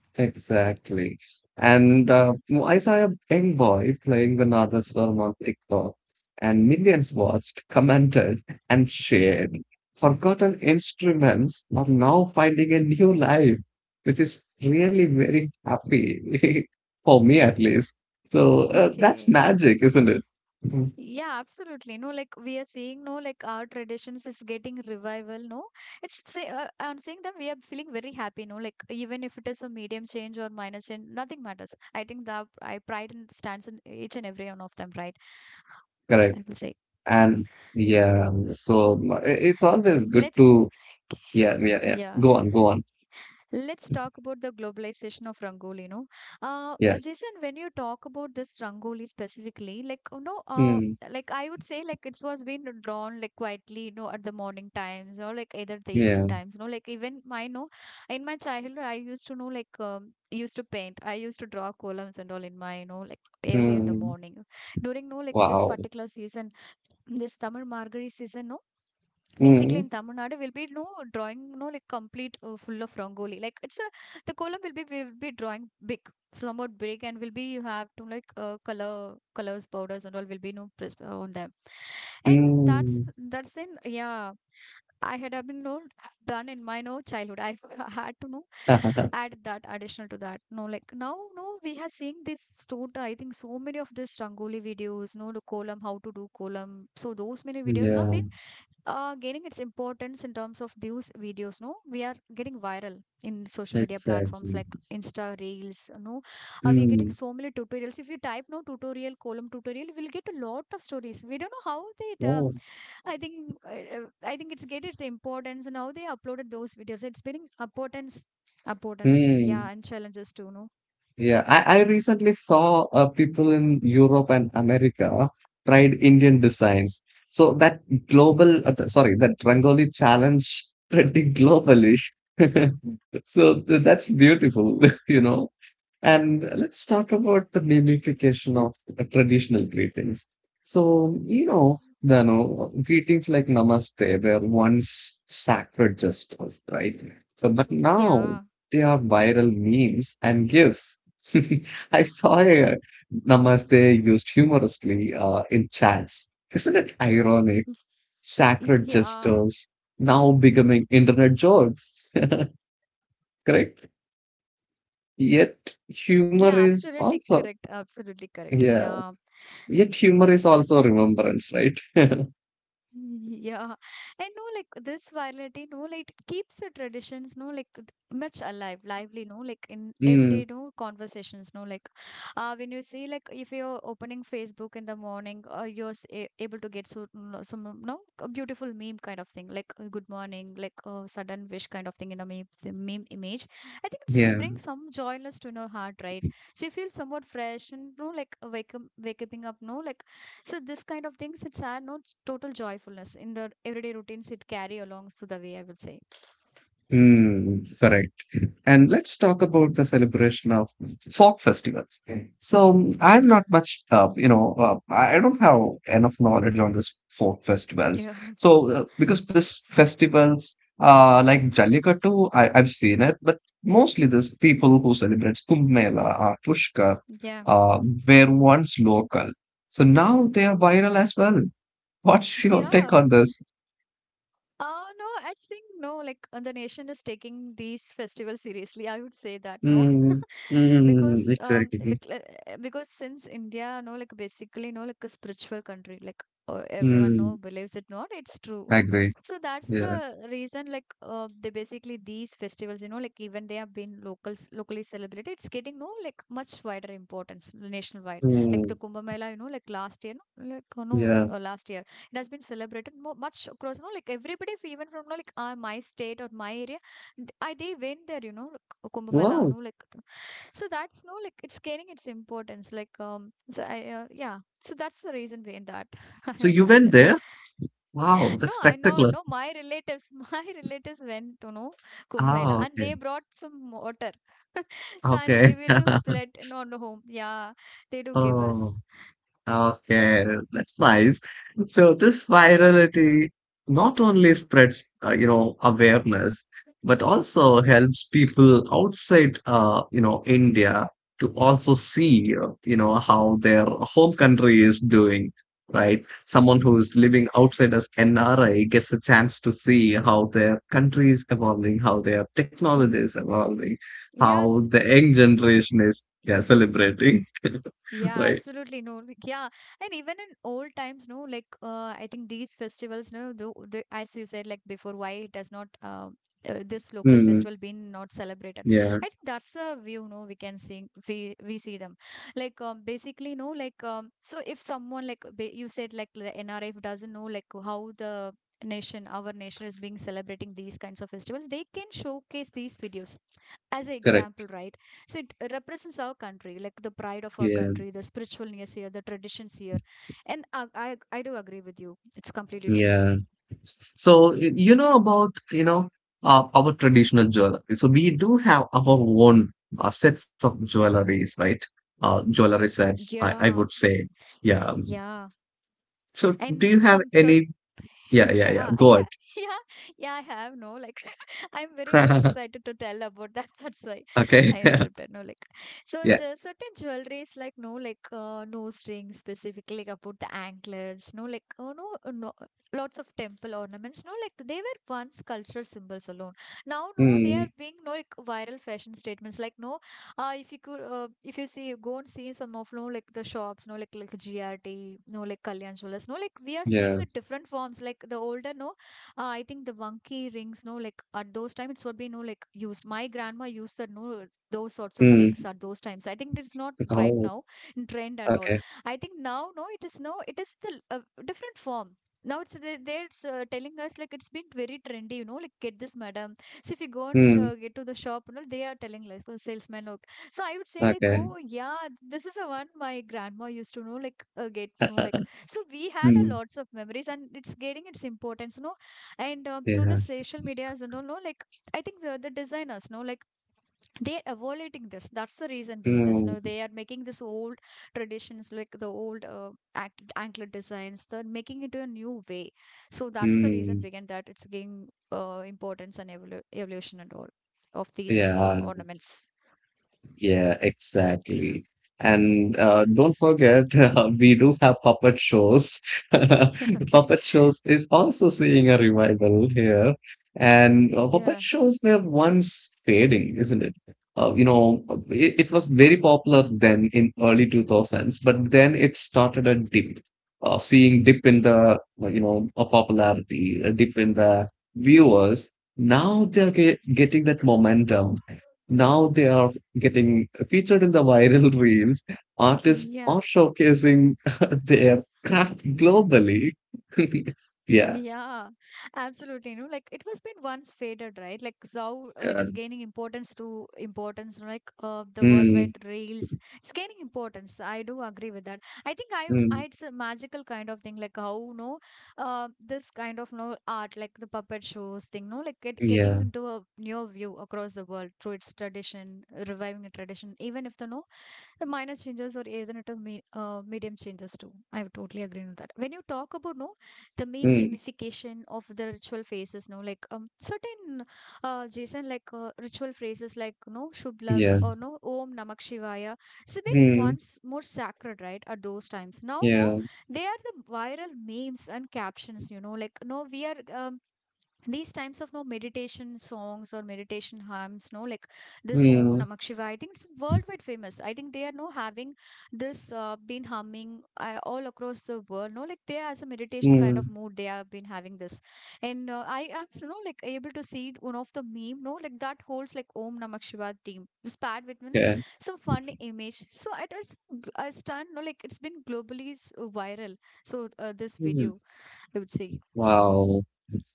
S2: Exactly. And I saw a young boy playing the Nadaswaram on TikTok, and millions watched, commented, and shared. Forgotten instruments are now finding a new life, which is really very happy for me at least. So that's magic, isn't it? Mhm.
S1: Yeah, absolutely. No, like we are seeing, no, like our traditions is getting revival. No, it's say, I'm saying that we are feeling very happy. No, like even if it is a medium change or minor change, nothing matters. I think that I pride in stands in each and every one of them, right?
S2: Correct.
S1: I'd say.
S2: And yeah, so it's always good
S1: Let's,
S2: to, yeah, yeah, yeah.
S1: yeah.
S2: Go on, go on.
S1: Let's talk about the globalization of Rangoli, no?
S2: Yeah.
S1: Jason, when you talk about this Rangoli specifically, like, you know,
S2: Mm,
S1: like I would say, like it was being drawn like quietly, you know, at the morning times or like either the evening
S2: yeah.
S1: times. No, like even my know, in my childhood, I used to know like used to paint. I used to draw columns and all in my you know like early in the
S2: Mm.
S1: morning. During no like this
S2: Wow.
S1: particular season, this Tamil Margari season, no, basically, in
S2: Mm,
S1: Tamil Nadu will be drawing, no like complete full of Rangoli. Like it's a the column will be drawing big, somewhat big, and will be you have to like colors, powders, and all will be no pres- on them. And that's
S2: mm.
S1: that's in yeah. I had been done in my no childhood. I had to know add that additional to that. Now, no, we have seen this total. I think so many of this Rangoli videos, no, the column, how to do column. So those many videos now
S2: Yeah,
S1: been gaining its importance in terms of those videos. No, we are getting viral in social media platforms
S2: exactly.
S1: like Insta Reels. No, we are getting
S2: Mm.
S1: so many tutorials. If you type no tutorial column tutorial, we'll get a lot of stories. We don't know how they.
S2: Oh.
S1: I think it's get its importance and how they uploaded those videos. It's been importance, yeah,
S2: Mm.
S1: and challenges too. No,
S2: Yeah, I recently saw people in Europe and America tried Indian designs. So that global, sorry, that Rangoli challenge pretty globally. So that's beautiful, you know. And let's talk about the mimification of the traditional greetings. So, you know, the no, greetings like Namaste were once sacred gestures, right? So, but now they are viral memes and gifs. I saw a Namaste used humorously in chats. Isn't it ironic? Sacred
S1: yeah,
S2: gestures now becoming internet jokes, correct? Yet humor
S1: yeah,
S2: is
S1: absolutely
S2: also
S1: correct, absolutely correct.
S2: yeah.
S1: Yeah,
S2: Yet humor is also remembrance, right?
S1: yeah, and this virality, no, like it keeps the traditions, no, like d- much alive, lively, in
S2: Mm,
S1: everyday, conversations, no, like, when you see, like, if you're opening Facebook in the morning, you're able to get so, some, no, a beautiful meme kind of thing, like, good morning, like, sudden wish kind of thing in a meme, the meme image. I think it's
S2: yeah.
S1: brings some joyness to your heart, right? So you feel somewhat fresh and, no, like, waking up, no, like so this kind of things, it's are not total joyfulness in the everyday routines. It carry alongs to the way I would say.
S2: Mm, correct. And let's talk about the celebration of folk festivals. So I'm not much, I don't have enough knowledge on this folk festivals.
S1: Yeah.
S2: So because this festivals, like Jallikattu, I've seen it, but mostly there's people who celebrate Kumbh Mela or Pushkar,
S1: Yeah.
S2: uh, were once local. So now they are viral as well. What's your take
S1: Yeah.
S2: on this?
S1: No, I think no, like the nation is taking these festivals seriously. I would say that no,
S2: Mm,
S1: because
S2: mm, exactly.
S1: because since India, basically, no, like a spiritual country, like everyone
S2: Mm,
S1: believes it. Not it's true.
S2: I agree.
S1: So that's
S2: Yeah.
S1: the reason, like they basically these festivals, you know, like even they have been locals locally celebrated. It's getting no like much wider importance nationwide. Like the
S2: Mm,
S1: Kumbh Mela, you know, like last year, no, like no,
S2: yeah.
S1: last year it has been celebrated more much across you know like everybody even from you know, like my state or my area they went there you know like, Kumbh Mela
S2: Wow!
S1: so that's no like it's gaining its importance like so I yeah so that's the reason behind that I
S2: So
S1: want
S2: you
S1: to add
S2: went
S1: that
S2: there? Wow,
S1: no
S2: that's
S1: I know
S2: spectacular.
S1: no my relatives my relatives went to know Kumbh Mela
S2: Ah,
S1: and they
S2: okay.
S1: brought some water so and they
S2: Okay.
S1: will just let it on the home yeah they do give us
S2: Oh. Okay, that's nice. So this virality not only spreads, awareness, but also helps people outside, India to also see, how their home country is doing, right? Someone who's living outside as NRI gets a chance to see how their country is evolving, how their technology is evolving,
S1: yeah,
S2: how the young generation is, yeah, celebrating,
S1: yeah,
S2: right?
S1: absolutely. No, like, yeah. And even in old times, no, like, I think these festivals, no, the, as you said, like before, why it has not, this local
S2: Hmm.
S1: festival been not celebrated.
S2: Yeah,
S1: I think that's a view, no, we can see, we see them. Like, basically, so if someone, like, you said, like, the NRF doesn't know, like, how the nation, our nation is being celebrating these kinds of festivals, they can showcase these videos as an
S2: correct.
S1: example, right? So it represents our country, like the pride of our
S2: Yeah,
S1: country, the spiritualness here, the traditions here. And I do agree with you. It's completely true.
S2: yeah. So about our traditional jewelry. So we do have our own sets of jewelries, right? Jewelry sets. I would
S1: Yeah.
S2: say. Yeah.
S1: Yeah.
S2: So do
S1: And
S2: you have
S1: some certain
S2: any? Yeah, yeah,
S1: yeah,
S2: yeah. Go ahead.
S1: yeah, yeah, I have no like I'm very no excited to tell about that. That's why
S2: Okay.
S1: I interrupted. No, Like, so
S2: Yeah.
S1: just certain jewelries like no like nose rings specifically like about the anklets. No like oh no no lots of temple ornaments. No like they were once cultural symbols alone. Now no they are
S2: Mm,
S1: being like viral fashion statements. If you could if you see go and see some of the shops like GRT Kalyan Jewelers no like we are seeing
S2: yeah.
S1: a different forms like the older no I think the wonky rings no like at those times it's what we know like used my grandma used the no those sorts of rings
S2: Mm.
S1: at those times I think it's not right
S2: Oh.
S1: now trend and all
S2: Okay.
S1: I think now no it is no it is the different form now it's they're telling us like it's been very trendy you know like get this madam so if you go and
S2: Mm.
S1: get to the shop, you know, they are telling like the salesman or so I would say like,
S2: Okay.
S1: oh yeah, this is the one my grandma used to know, like get to know, like. So we had a
S2: Mm.
S1: lots of memories, and it's getting its importance, you know. And through the
S2: Yeah.
S1: social medias and all, no, like I think the designers, no, like they're evaluating this. That's the reason behind this.
S2: Mm.
S1: No. They are making this old traditions, like the old anklet designs, they're making it a new way. So that's the reason
S2: Mm.
S1: behind that. It's gaining importance and evolution and all of these
S2: Yeah.
S1: ornaments.
S2: Yeah, exactly. And don't forget, we do have puppet shows.
S1: Okay.
S2: Puppet shows is also seeing a revival here. And puppet
S1: Yeah.
S2: shows were once fading, isn't it? Uh, you know, it was very popular then in early 2000s, but then it started a dip, seeing dip in the, popularity, a dip in the viewers. Now they're getting that momentum now they are getting featured in the viral reels. Artists
S1: Yeah,
S2: are showcasing their craft globally. Yeah.
S1: yeah, absolutely. You know, like it was been once faded, right? Like how it
S2: Uh,
S1: has gained importance, you know, like the worldwide.
S2: mm,
S1: It's gaining importance. I do agree with that. I think
S2: mm,
S1: I it's a magical kind of thing, like how you know, this kind of no art, like the puppet shows thing, no, like getting
S2: yeah.
S1: into a new view across the world through its tradition, reviving a tradition, even if the no the minor changes or even at a medium changes too. I would totally agree with that. When you talk about no, the meme
S2: Mm,
S1: imification of the ritual phases, no, like certain Jason, like ritual phrases like Shublag
S2: yeah.
S1: or no Om Namak Shivaya, it's been
S2: Mm,
S1: once more sacred, right? At those times, now no,
S2: yeah.
S1: they are the viral memes and captions. You know, like no, we are these times of no meditation songs or meditation hymns no like this om
S2: Mm,
S1: namah shivaya I think it's worldwide famous I think they are no having this been humming all across the world no like they are as a meditation kind of
S2: mm,
S1: mood they have been having this and I am you know like able to see one of the meme no like that holds like om namah shivaya theme it's paired with you know
S2: okay.
S1: some fun image so it was a stunned no like it's been globally viral so this
S2: Mm.
S1: video I would say
S2: Wow.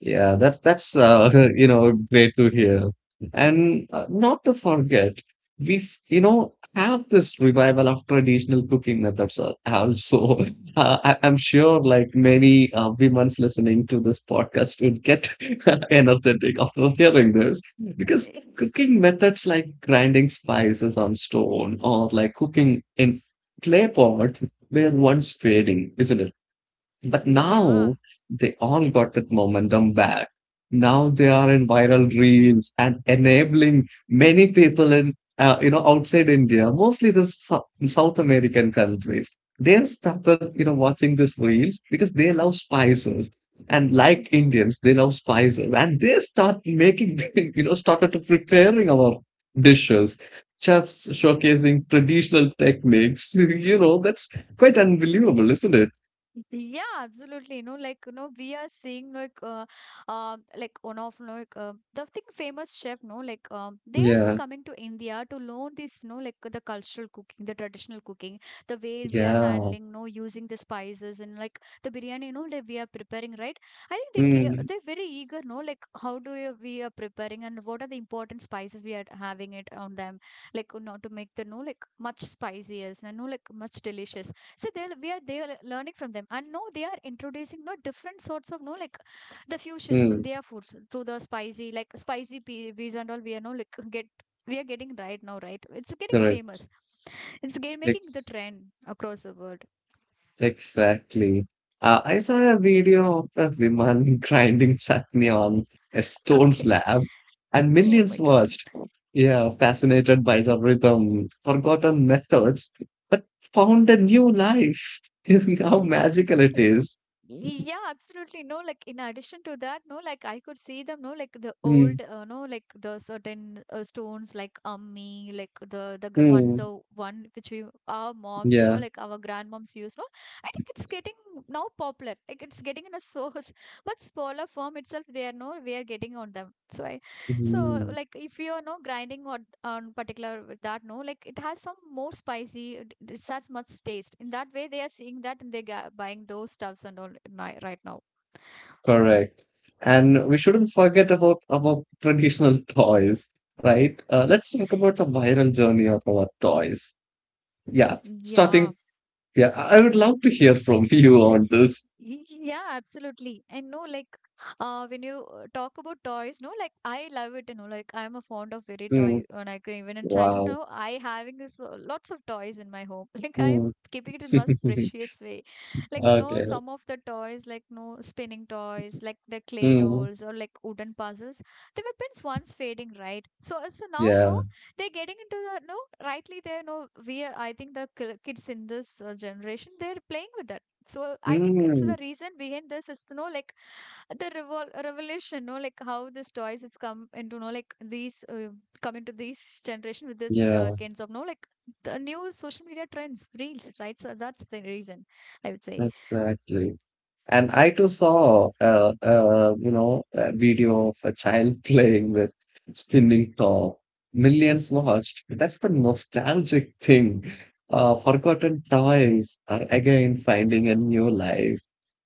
S2: Yeah, that's you know great to hear. And not to forget, we have have this revival of traditional cooking methods also. I'm sure like many women's listening to this podcast would get energetic after hearing this because
S1: Eh,
S2: cooking methods like grinding spices on stone or like cooking in clay pot, they're once fading, isn't it? But
S1: yeah,
S2: now they all got that momentum back. Now they are in viral reels and enabling many people in, outside India, mostly the South American countries. They started, you know, watching these reels because they love spices. And like Indians, they love spices. And they start making, you know, started to preparing our dishes. Chefs showcasing traditional techniques. You know, that's quite unbelievable, isn't it?
S1: yeah, absolutely. You know, like you know, we are seeing like one of you know, like the thing famous chef. No, like they are now
S2: Yeah.
S1: coming to India to learn this. No, like the cultural cooking, the traditional cooking, the way we are
S2: Yeah.
S1: handling, no, using the spices and like the biryani. You know, like we are preparing, right? I think they
S2: Mm,
S1: they're very eager. No, like how do you, we are preparing and what are the important spices we are having it on them, like you know, to make the no like much spicier and no like much delicious so they are learning from them and they are introducing different sorts of no like the fusions in
S2: mm,
S1: their foods through the spicy like spicy peas and all we are no like get we are getting right now right it's getting
S2: correct.
S1: famous it's getting making the
S2: Ex
S1: trend across the world
S2: Exactly. I saw a video of a woman grinding chutney on a stone
S1: okay
S2: slab, and
S1: oh
S2: millions
S1: my
S2: watched.
S1: god
S2: Yeah, fascinated by the rhythm, forgotten methods, but found a new life. How magical it is.
S1: yeah, absolutely. No, like in addition to that, no, like I could see them, the
S2: Mm,
S1: old, no, like the certain stones, like ammi, like the the one,
S2: mm,
S1: the one which we our moms, you know,
S2: yeah.
S1: like our grandmoms use. No, I think it's getting now popular. Like it's getting in a so much smaller form itself. They are no, we are getting on them. So I so,
S2: Mm.
S1: like, if you're no grinding on particular with that, no, like it has some more spicy, such much taste. In that way, they are seeing that and they ga buying those stuffs and all right now.
S2: Correct. And we shouldn't forget about our traditional toys, right? Let's talk about the viral journey of our toys. Yeah,
S1: Mm. Yeah,
S2: starting. Yeah, I would love to hear from you on this.
S1: yeah, absolutely. And no, like when you talk about toys, no, like I love it, you know, like I'm a fond of very toy
S2: Mm,
S1: when I even in childhood
S2: wow.
S1: now, I having this lots of toys in my home. Like I'm
S2: Mm.
S1: keeping it in most precious way. Like no,
S2: Okay.
S1: some of the toys, like no spinning toys, like the clay
S2: Mm,
S1: dolls or like wooden puzzles, they were pins once fading, right? So so now no,
S2: yeah.
S1: they're getting into the no, rightly they're no I think the kids in this generation, they're playing with that. So I think it's the
S2: Mm,
S1: reason behind this is to know like the revolution, no, like how this toys has come into know like these come into this generation with this
S2: yeah,
S1: kinds of no like the new social media trends, reels, right? So that's the reason I would say.
S2: exactly. And I too saw a video of a child playing with spinning top. Millions watched. That's the nostalgic thing. Forgotten toys are again finding a new life.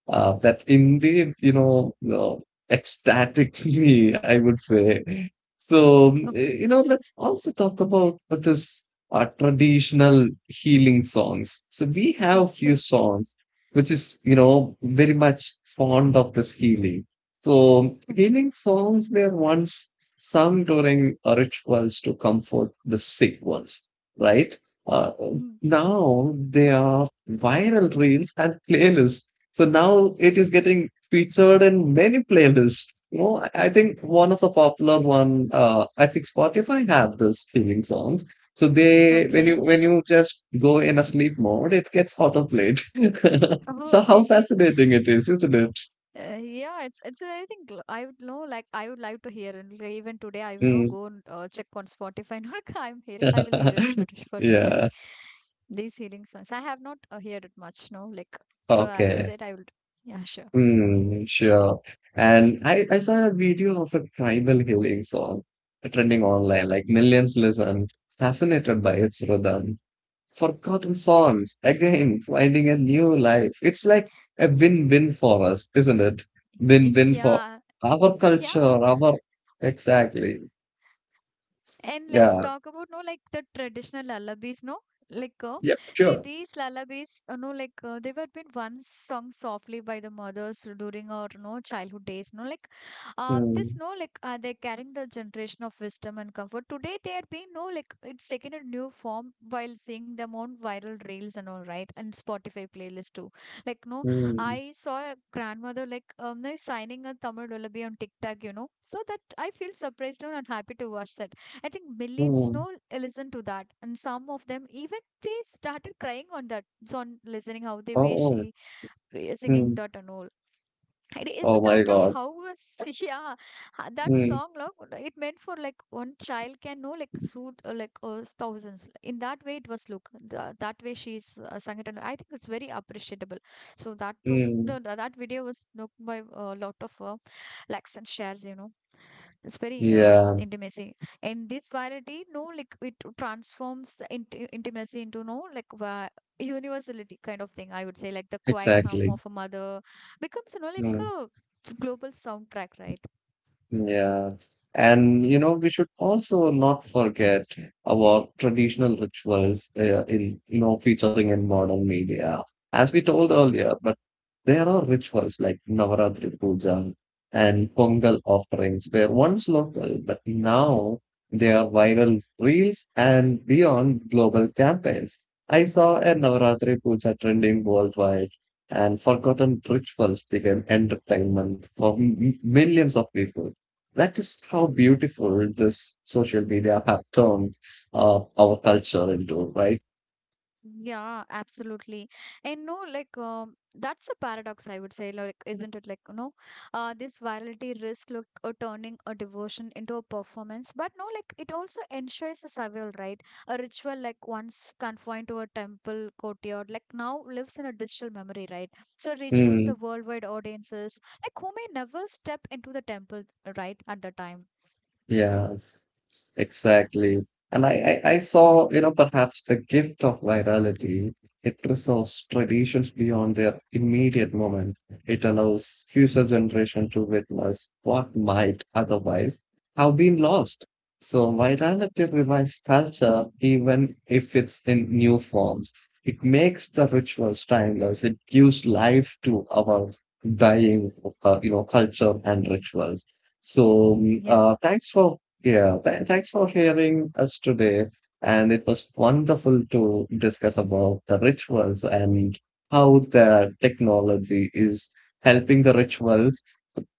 S2: That indeed, ecstatically, I would say. So, mm,
S1: O-
S2: let's also talk about this traditional healing songs. So we have few
S1: Okay.
S2: songs which is, you know, very much fond of this healing. So healing songs were once sung during rituals to comfort the sick ones, right? Uh,
S1: Mm.
S2: Now they are viral reels and playlists. So now it is getting featured in many playlists. You know, I think one of the popular one, I think Spotify have this healing songs. So they, when
S1: Okay.
S2: you when you just go in a sleep mode, it gets auto played.
S1: Oh,
S2: So how
S1: okay.
S2: fascinating it is, isn't it?
S1: Yeah, it's I think I would know like I would like to hear and like, even today I will know
S2: Mm.
S1: go and check on Spotify. Not I'm here. I will hear it shoot, for sure today.
S2: Yeah.
S1: These healing songs I have not heard it much. No, like so as you
S2: Okay.
S1: said, I will. Yeah, sure.
S2: Mm, sure. And I saw a video of a tribal healing song trending online, like millions listened, fascinated by its rhythm. Forgotten songs, again, finding a new life. It's like a win-win for us, isn't it? Win-win for
S1: Yeah,
S2: our culture,
S1: yeah.
S2: our... Exactly.
S1: And let's
S2: Yeah.
S1: talk about like the traditional lullabies, no? Like,
S2: Yep,
S1: see,
S2: sure.
S1: these lullabies, you know, like they were been once sung softly by the mothers during our no childhood days, no? Like, this
S2: Mm,
S1: no, like, they're carrying the generation of wisdom and comfort. Today, they are being no, like, it's taken a new form while seeing them on viral reels and all right, and Spotify playlist too. Like, no,
S2: mm,
S1: I saw a grandmother like, signing a Tamil lullaby on TikTok, you know. So that I feel surprised no, and happy to watch that. I think millions
S2: mm.
S1: know listen to that, and some of them even they started crying on that song, listening how they way
S2: Oh, oh.
S1: she singing
S2: Mm.
S1: that and all. It is
S2: Oh
S1: that
S2: my
S1: like
S2: God.
S1: how was yeah that
S2: Mm,
S1: song like it meant for like one child can know like suit like thousands in that way it was look the, that way she's sang it and I think it's very appreciable. So that too the,
S2: mm,
S1: that video was looked by a lot of likes and shares, you know, it's very
S2: yeah,
S1: intimacy and this variety no like it transforms the intimacy into no like universality kind of thing I would say like the quiet hum
S2: exactly.
S1: of a mother becomes you know like
S2: Mm.
S1: a global soundtrack, right?
S2: Yeah. And you know, we should also not forget about traditional rituals featuring in modern media. As we told earlier, but there are rituals like Navaratri Puja and Pongal offerings were once local, but now they are viral reels and beyond global campaigns. I saw a Navaratri Puja trending worldwide and forgotten rituals became entertainment for millions of people. That is how beautiful this social media have turned our culture into, right?
S1: Yeah, absolutely. And no, like that's a paradox, I would say, like, isn't it? Like, you know, this virality risk look turning a devotion into a performance, but no, like it also ensures a survival, right? A ritual like once confined to a temple courtyard, like now lives in a digital memory, right? So reaching the
S2: Hmm.
S1: worldwide audiences, like who may never step into the temple, right, at the time.
S2: Yeah. Exactly. And I saw, you know, perhaps the gift of virality. It resolves traditions beyond their immediate moment. It allows future generation to witness what might otherwise have been lost. So virality revives culture even if it's in new forms. It makes the rituals timeless. It gives life to our dying, culture and rituals. So, mm, thanks for hearing us today. And it was wonderful to discuss about the rituals and how the technology is helping the rituals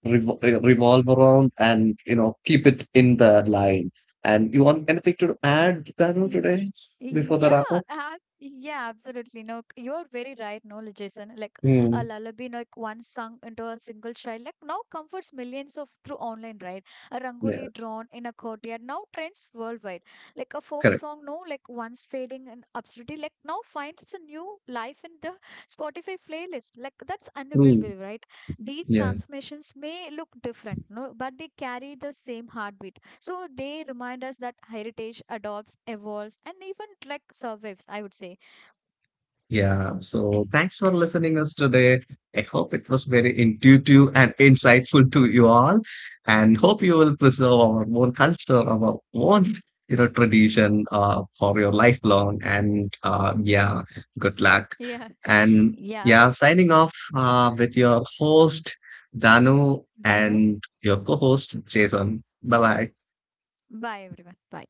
S2: revolve around and, you know, keep it in the line. And you want anything to add, Danu, today before the
S1: Yeah,
S2: wrap up?
S1: yeah, absolutely. No, you're very right. No, Jason, like a
S2: Hmm.
S1: lullaby like once sung into a single child, like now comforts millions of through online, right? A
S2: Yeah,
S1: rangoli drawn in a courtyard now trends worldwide. Like a folk
S2: correct.
S1: song, no, like once fading in obscurity, like now finds a new life in the Spotify playlist. Like that's
S2: Hmm.
S1: unbelievable, right? These
S2: Yeah.
S1: transformations may look different, no, but they carry the same heartbeat. So they remind us that heritage adopts, evolves, and even like survives, I would say.
S2: Yeah, so thanks for listening us today. I hope it was very intuitive and insightful to you all, and hope you will preserve our own culture, our own tradition for your lifelong. And yeah, good luck.
S1: Yeah.
S2: And
S1: Yeah.
S2: yeah, signing off with your host Danu
S1: You know.
S2: and your co-host Jason. Bye bye.
S1: Bye, everyone. Bye.